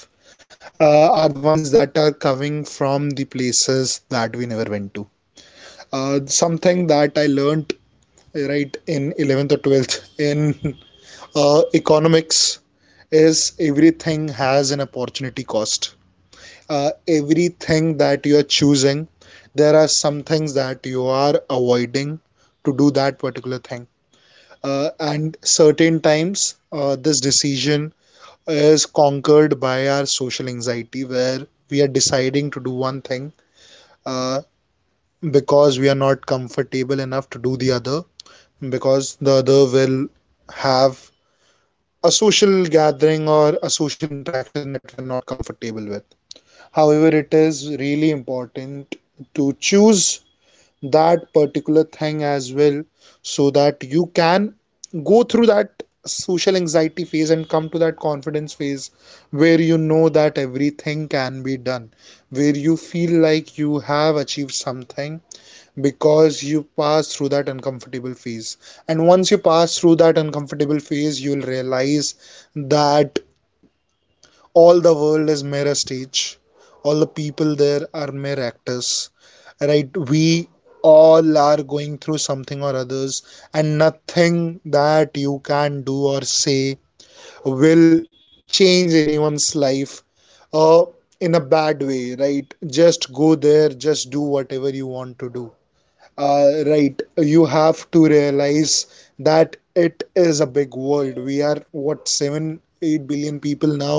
Speaker 1: are the ones that are coming from the places that we never went to. Something that I learned right in 11th or 12th in economics is, everything has an opportunity cost. Everything that you are choosing, there are some things that you are avoiding to do that particular thing. And certain times, this decision is conquered by our social anxiety, where we are deciding to do one thing uh, because we are not comfortable enough to do the other, because the other will have a social gathering or a social interaction that we are not comfortable with. However, it is really important to choose that particular thing as well, so that you can go through that social anxiety phase and come to that confidence phase, where you know that everything can be done, where you feel like you have achieved something because you pass through that uncomfortable phase. And once you pass through that uncomfortable phase, you'll realize that all the world is mirror stage, all the people there are mere actors. Right, we all are going through something or others, and nothing that you can do or say will change anyone's life uh, in a bad way. Right, just go there, just do whatever you want to do. Right, you have to realize that it is a big world. We are what, 7 8 billion people now,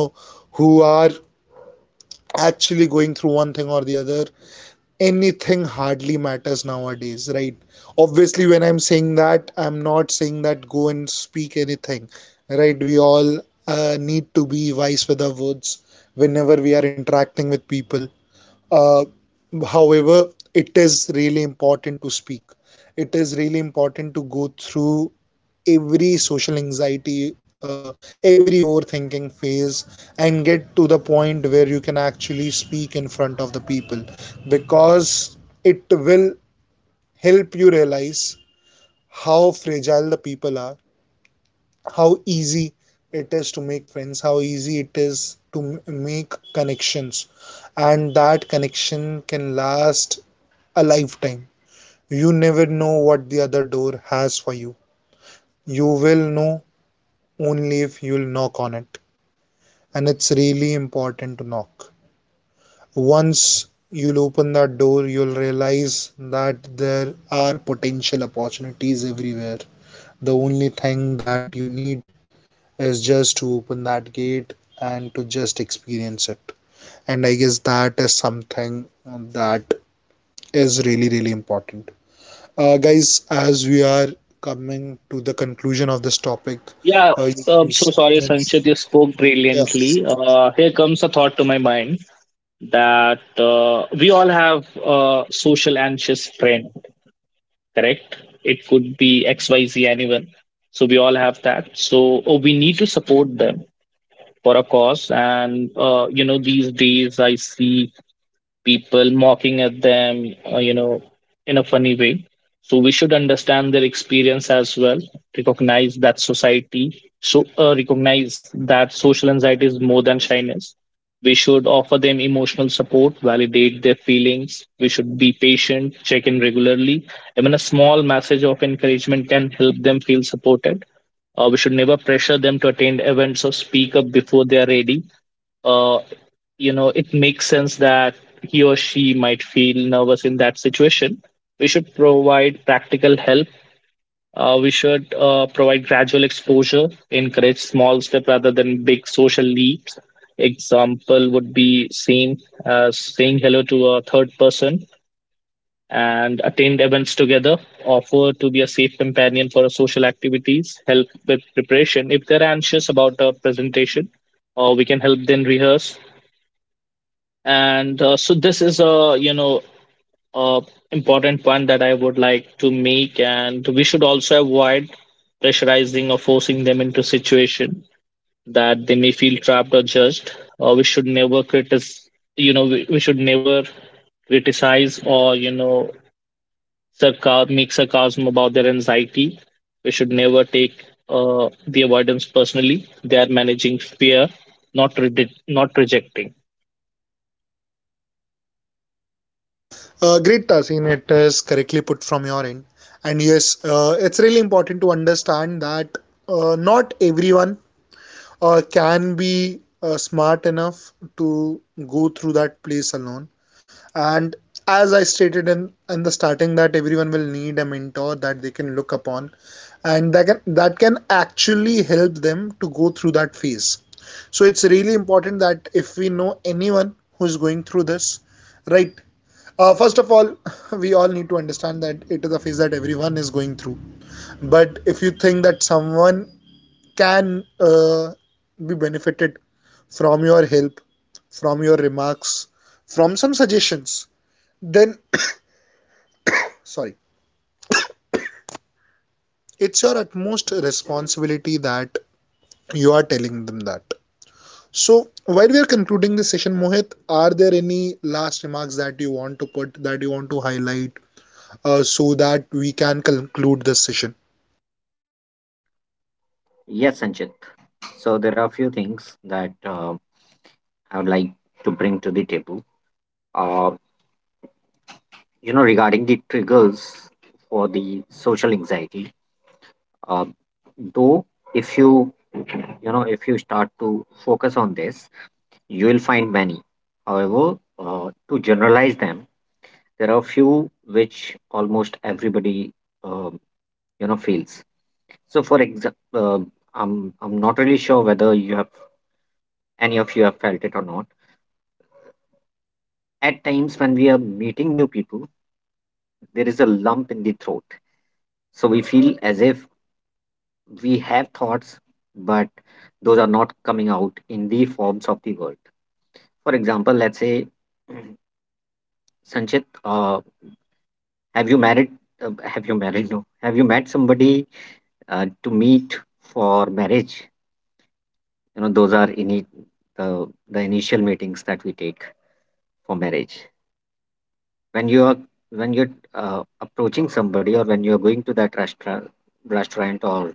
Speaker 1: who are actually going through one thing or the other. Anything hardly matters nowadays, right? Obviously, when I'm saying that, I'm not saying that go and speak anything, right? We all need to be wise with our words whenever we are interacting with people. Uh, however it is really important to speak it is really important to go through every social anxiety, every overthinking phase, and get to the point where you can actually speak in front of the people, because it will help you realize how fragile the people are, how easy it is to make friends, how easy it is to make connections, and that connection can last a lifetime. You never know what the other door has for you. You will know only if you'll knock on it. And it's really important to knock. Once you'll open that door, you'll realize that there are potential opportunities everywhere. The only thing that you need is just to open that gate and to just experience it. And I guess that is something that is really, really important. Guys, as we are coming to the conclusion of this topic,
Speaker 3: Yeah,
Speaker 1: you
Speaker 3: I'm so
Speaker 1: guys have
Speaker 3: sorry, Sanchit. You
Speaker 1: mentioned,
Speaker 3: spoke
Speaker 1: yeah.
Speaker 3: brilliantly. Here comes a thought to my mind. That we all have a social anxious friend, correct? It could be XYZ, anyone. So we all have that. So we need to support them for a cause. And, these days I see people mocking at them, in a funny way. So we should understand their experience as well, recognize that society, so recognize that social anxiety is more than shyness. We should offer them emotional support, validate their feelings. We should be patient, check in regularly. Even a small message of encouragement can help them feel supported. We should never pressure them to attend events or speak up before they are ready. Uh, you know, it makes sense that he or she might feel nervous in that situation. We should provide practical help. We should provide gradual exposure, encourage small step rather than big social leaps. Example would be same as saying hello to a third person and attend events together, offer to be a safe companion for social activities, help with preparation. If they're anxious about a presentation, or we can help them rehearse. And uh, so this is a a important point that I would like to make, and we should also avoid pressurizing or forcing them into situation that they may feel trapped or judged. We should never criticize. We should never criticize or make sarcasm about their anxiety. We should never take the avoidance personally. They are managing fear, not not rejecting.
Speaker 1: Great, Tasin. It is correctly put from your end. And yes, it's really important to understand that not everyone can be smart enough to go through that place alone. And as I stated in the starting, that everyone will need a mentor that they can look upon and that can actually help them to go through that phase. So it's really important that if we know anyone who's going through this, right, first of all, we all need to understand that it is a phase that everyone is going through. But if you think that someone can be benefited from your help, from your remarks, from some suggestions, then sorry, it's your utmost responsibility that you are telling them that. So while we are concluding this session, Mohit, are there any last remarks that you want to put, that you want to highlight, so that we can conclude this session?
Speaker 2: Yes, Sanjit. So there are a few things that I would like to bring to the table. Uh, regarding the triggers for the social anxiety, uh, though, if you start to focus on this, you will find many. However, to generalize them, there are few which almost everybody, um, feels. So, for example, um, I'm not really sure whether you have any of you have felt it or not. At times when we are meeting new people, there is a lump in the throat. So we feel as if we have thoughts, but those are not coming out in the forms of the word. For example, let's say, Sanchit, have you married? Have you married? No. Have you met somebody to meet for marriage? You know, those are ini the initial meetings that we take for marriage. When you are, when you're approaching somebody, or when you're going to that restaurant, or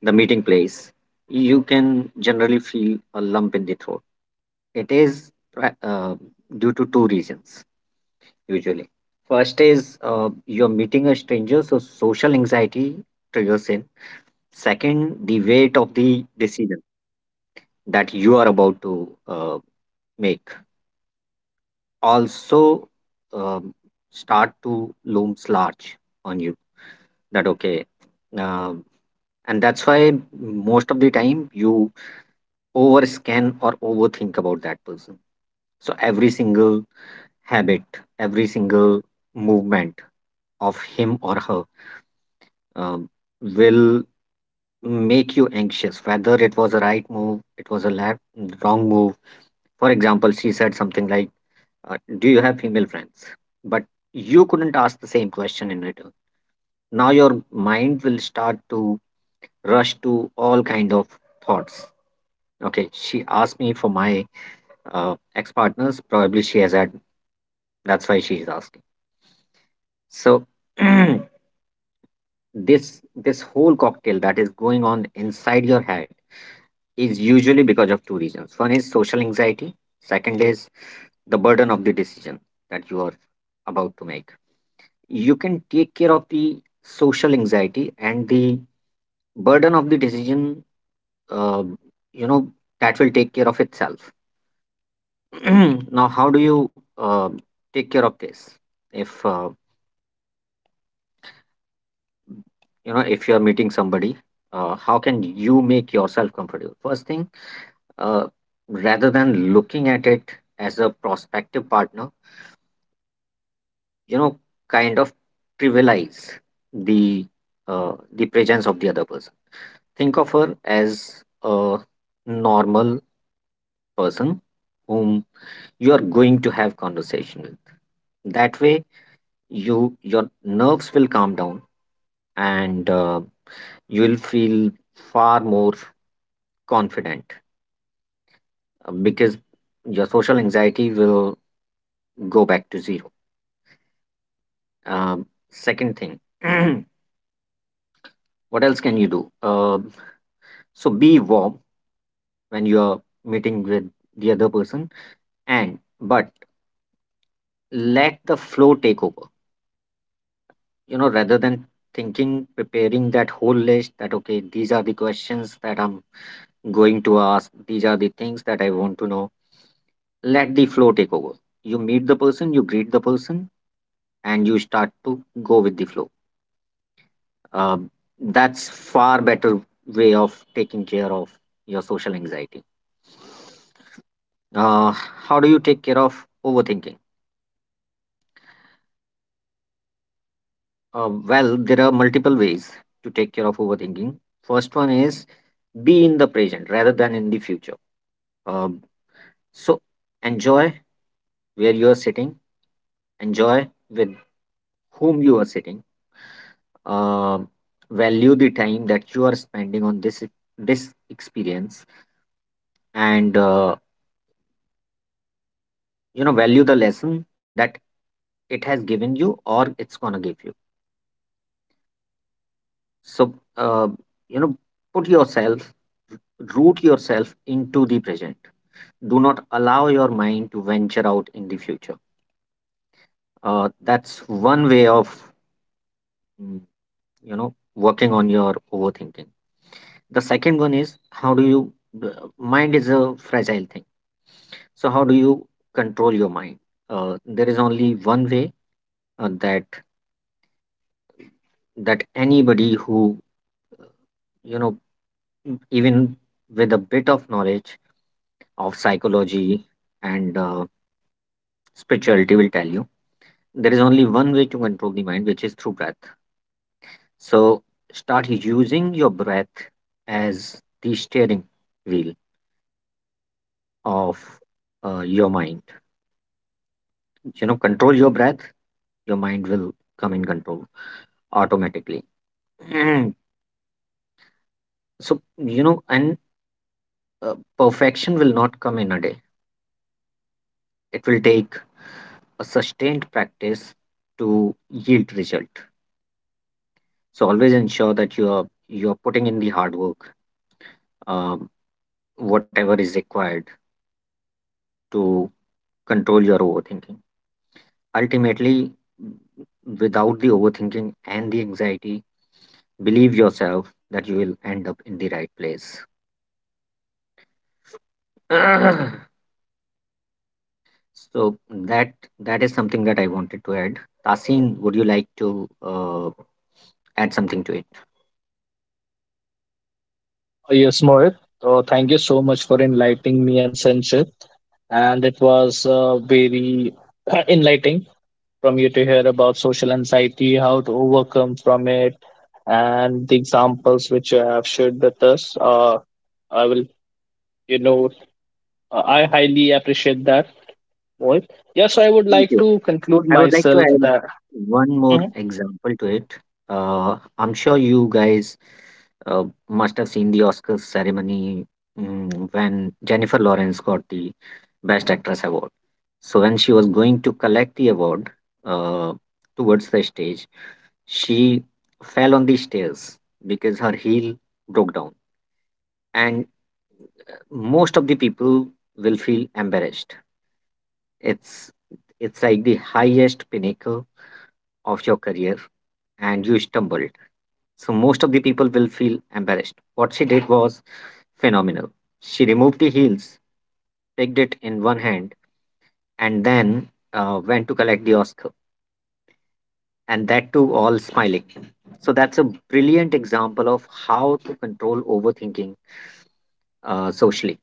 Speaker 2: the meeting place, you can generally feel a lump in the throat. It is due to two reasons usually. First is you're meeting a stranger, so social anxiety triggers in. Second, the weight of the decision that you are about to make also um, start to looms large on you. That okay, Um and that's why most of the time you overscan or overthink about that person. So every single habit, every single movement of him or her, um, will make you anxious, whether it was a right move, it was a left wrong move. For example, she said something like, do you have female friends, but you couldn't ask the same question in return. Now your mind will start to rush to all kind of thoughts. Okay, she asked me for my ex-partners, probably she has had, that's why she's asking. So this whole cocktail that is going on inside your head is usually because of two reasons. One is social anxiety, second is the burden of the decision that you are about to make. You can take care of the social anxiety, and the burden of the decision, uh, you know that will take care of itself. Now how do you take care of this? If you know if you're meeting somebody, how can you make yourself comfortable? First thing, uh, rather than looking at it as a prospective partner, you know, kind of trivialize the the presence of the other person. Think of her as a normal person whom you are going to have conversation with. That way you your nerves will calm down, and you will feel far more confident, because your social anxiety will go back to zero. Um, second thing, what else can you do? Um, so be warm when you're meeting with the other person, and but let the flow take over. You know, rather than thinking, preparing that whole list that okay, these are the questions that I'm going to ask, these are the things that I want to know. Let the flow take over. You meet the person, you greet the person, and you start to go with the flow. Um, that's far better way of taking care of your social anxiety. How do you take care of overthinking? Well, there are multiple ways to take care of overthinking. First one is be in the present rather than in the future. Um, so enjoy where you are sitting, enjoy with whom you are sitting, Um value the time that you are spending on this experience, and value the lesson that it has given you, or it's gonna give you. So, you know, put yourself, root yourself into the present. Do not allow your mind to venture out in the future. That's one way of, mm, working on your overthinking. The second one is, how do you, the mind is a fragile thing. So how do you control your mind? There is only one way uh, that that anybody who, you know, even with a bit of knowledge of psychology and spirituality will tell you. There is only one way to control the mind, which is through breath. So start using your breath as the steering wheel of your mind. You know, control your breath, your mind will come in control automatically. So, you know, and perfection will not come in a day, it will take a sustained practice to yield result. So always ensure that you're putting in the hard work, um, whatever is required to control your overthinking. Ultimately, without the overthinking and the anxiety, believe yourself that you will end up in the right place. So that that is something that I wanted to add. Tasin, would you like to add something to it?
Speaker 3: Yes, Mohit. So thank you so much for enlightening me and Sanchit. And it was very enlightening from you to hear about social anxiety, how to overcome from it, and the examples which you have shared with us. I will, you know, I highly appreciate that, Mohit. Yes, so I would
Speaker 2: Thank
Speaker 3: like
Speaker 2: you.
Speaker 3: to conclude
Speaker 2: I would like to
Speaker 3: myself
Speaker 2: add
Speaker 3: that.
Speaker 2: one more example to it. I'm sure you guys must have seen the Oscars ceremony mm, when Jennifer Lawrence got the Best Actress award. So when she was going to collect the award uh, towards the stage, she fell on the stairs because her heel broke down, and most of the people will feel embarrassed. It's it's like the highest pinnacle of your career, and you stumbled. So most of the people will feel embarrassed. What she did was phenomenal. She removed the heels, picked it in one hand, and then went to collect the Oscar. And that too, all smiling. So that's a brilliant example of how to control overthinking socially.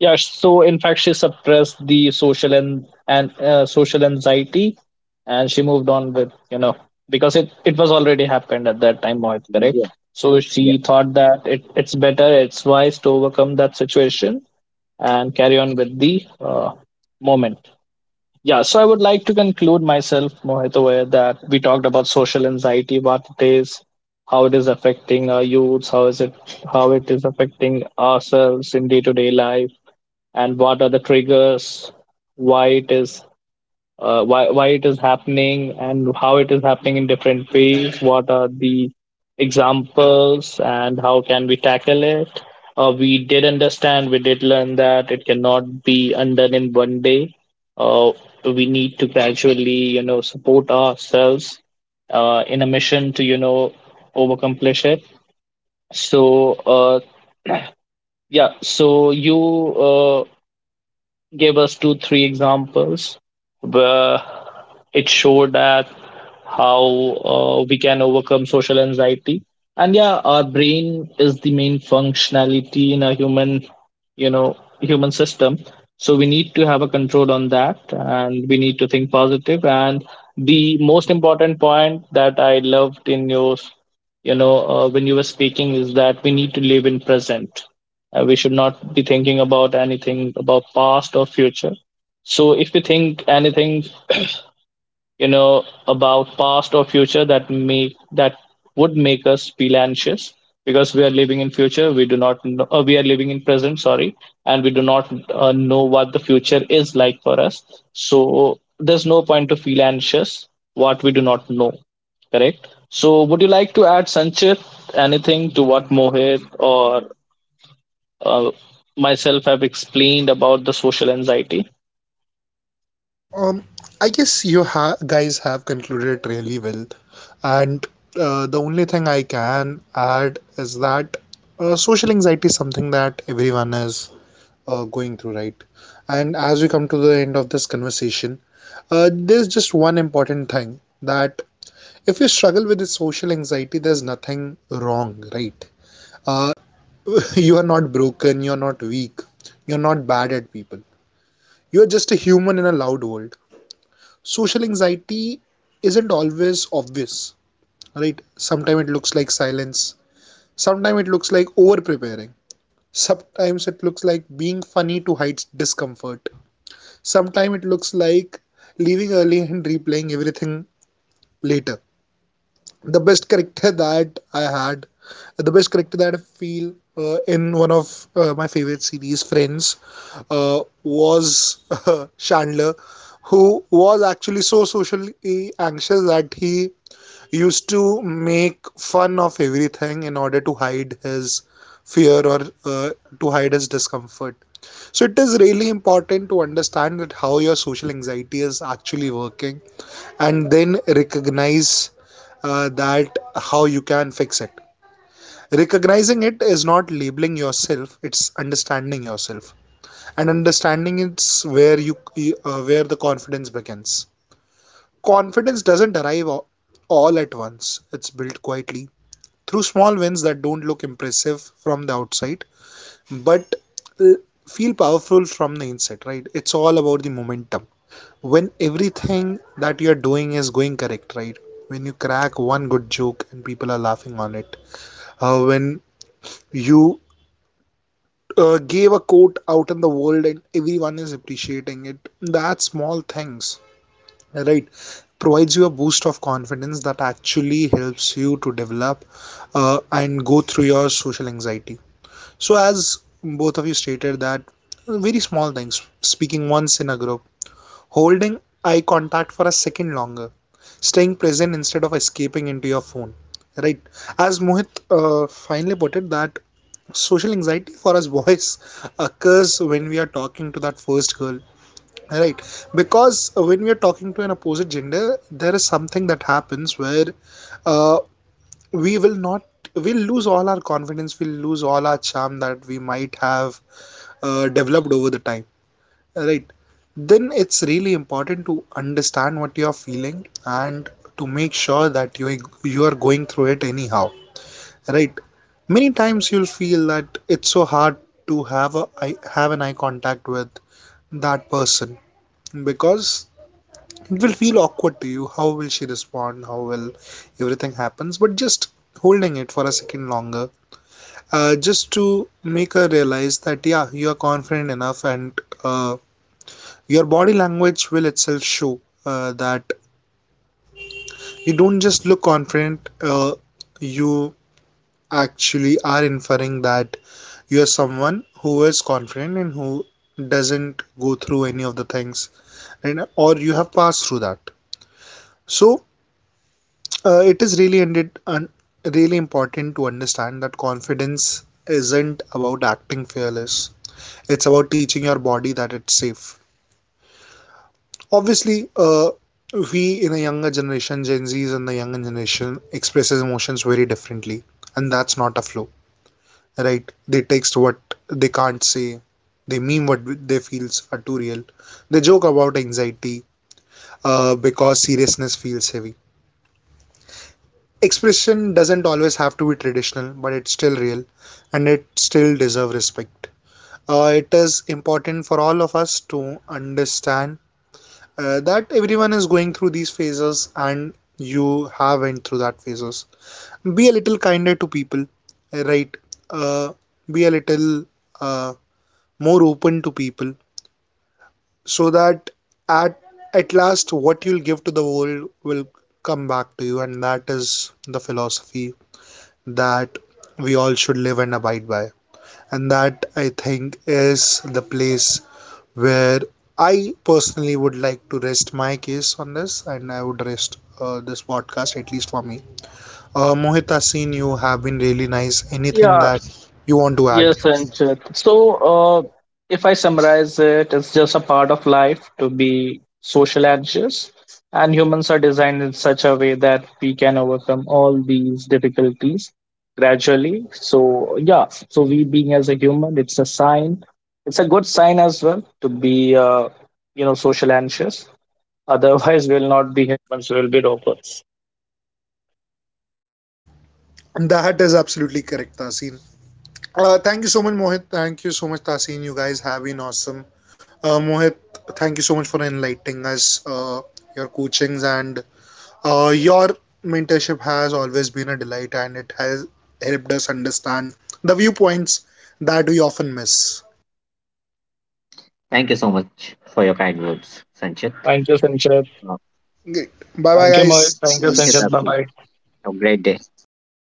Speaker 3: Yeah, so in fact, she suppressed the social and social anxiety, and she moved on with you know because it was already happened at that time. Mohit,
Speaker 2: Yeah,
Speaker 3: correct? So
Speaker 2: yeah.
Speaker 3: she thought that it's better, it's wise to overcome that situation and carry on with the moment. Yeah, so I would like to conclude myself, Mohit, aware that we talked about social anxiety, what it is, how it is affecting our youths, how is it how it is affecting ourselves in day to day life, and what are the triggers, why it is why it is happening and how it is happening in different ways, what are the examples and how can we tackle it. We did learn that it cannot be undone in one day. uh, we need to gradually support ourselves in a mission to overcomplish it. So, yeah, you uh, give us two, three examples where it showed that how we can overcome social anxiety. And yeah, our brain is the main functionality in a human system. So we need to have a control on that, and we need to think positive. And the most important point that I loved in when you were speaking is that we need to live in present. We should not be thinking about anything about past or future. So if we think anything, about past or future, that would make us feel anxious because we are living in future. We do not know. We are living in present. Sorry, and we do not know what the future is like for us. So there's no point to feel anxious what we do not know. Correct. So would you like to add, Sanchit, anything to what Mohit or uh, myself have explained about the social anxiety?
Speaker 1: Um, I guess you ha guys have concluded it really well, and the only thing I can add is that social anxiety is something that everyone is going through, right? And as we come to the end of this conversation, there's just one important thing that if you struggle with the social anxiety, there's nothing wrong, right? Uh, you are not broken, you are not weak, you're not bad at people. You are just a human in a loud world. Social anxiety isn't always obvious, right? Sometimes it looks like silence, sometimes it looks like over preparing, sometimes it looks like being funny to hide discomfort, sometimes it looks like leaving early and replaying everything later. The best character that I had, the best character that I feel in one of my favorite series Friends, was Chandler, who was actually so socially anxious that he used to make fun of everything in order to hide his fear or uh, to hide his discomfort. So it is really important to understand that how your social anxiety is actually working and then recognize that how you can fix it. Recognizing it is not labeling yourself; it's understanding yourself, and understanding it's where you where the confidence begins. Confidence doesn't arrive all at once; it's built quietly through small wins that don't look impressive from the outside, but uh, feel powerful from the inside, right? It's all about the momentum. When everything that you're doing is going correct, right? When you crack one good joke and people are laughing on it, when you gave a quote out in the world and everyone is appreciating it, that small things, right, provides you a boost of confidence that actually helps you to develop and go through your social anxiety. So, as both of you stated, that very small things, speaking once in a group, holding eye contact for a second longer, staying present instead of escaping into your phone, right? As Mohit finally put it, that social anxiety for us boys occurs when we are talking to that first girl, right? Because when we are talking to an opposite gender, there is something that happens where uh, we will not we'll lose all our confidence, we'll lose all our charm that we might have developed over the time, right? Then it's really important to understand what you are feeling and to make sure that you are going through it anyhow, right? Many times you'll feel that it's so hard to have a I have an eye contact with that person, because it will feel awkward to you. How will she respond? How will everything happens? But just holding it for a second longer, just to make her realize that yeah, you are confident enough, and uh, your body language will itself show that you don't just look confident, you actually are inferring that you are someone who is confident and who doesn't go through any of the things and or you have passed through that. So it is really important to understand that confidence isn't about acting fearless. It's about teaching your body that it's safe. Obviously, uh, we in a younger generation, Gen Zs and the younger generation expresses emotions very differently, and that's not a flaw, right? They text what they can't say, they meme what they feels are too real, they joke about anxiety because seriousness feels heavy. Expression doesn't always have to be traditional, but it's still real, and it still deserves respect. It is important for all of us to understand that everyone is going through these phases and you have went through that phases. Be a little kinder to people, right uh, be a little uh, more open to people, so that at at last what you'll give to the world will come back to you, and that is the philosophy that we all should live and abide by, and that I think is the place where I personally would like to rest my case on this, and I would rest this podcast at least for me. Mohit Asin, you have been really nice. Anything
Speaker 3: Yeah,
Speaker 1: that you want to add?
Speaker 3: yes, Anchit. So, if I summarize it, it's just a part of life to be social anxious, and humans are designed in such a way that we can overcome all these difficulties gradually. So, yeah, so we being as a human, it's a sign, it's a good sign as well to be, social anxious. Otherwise, we'll not be humans, we'll be robots.
Speaker 1: That is absolutely correct, Tasin. Thank you so much, Mohit. Thank you so much, Tasin. You guys have been awesome. Mohit, thank you so much for enlightening us. Your coachings and your mentorship has always been a delight, and it has helped us understand the viewpoints that we often miss.
Speaker 2: Thank you so much for your kind words, Sanchit.
Speaker 3: Thank you, Sanchit.
Speaker 2: Uh,
Speaker 1: Great. Bye bye,
Speaker 3: Thank you,
Speaker 1: guys.
Speaker 3: Mohit. Thank you,
Speaker 2: thank you,
Speaker 1: Cheers.
Speaker 3: Sanchit. Bye
Speaker 2: Tafsir.
Speaker 3: bye.
Speaker 2: Have a great day. Bye bye.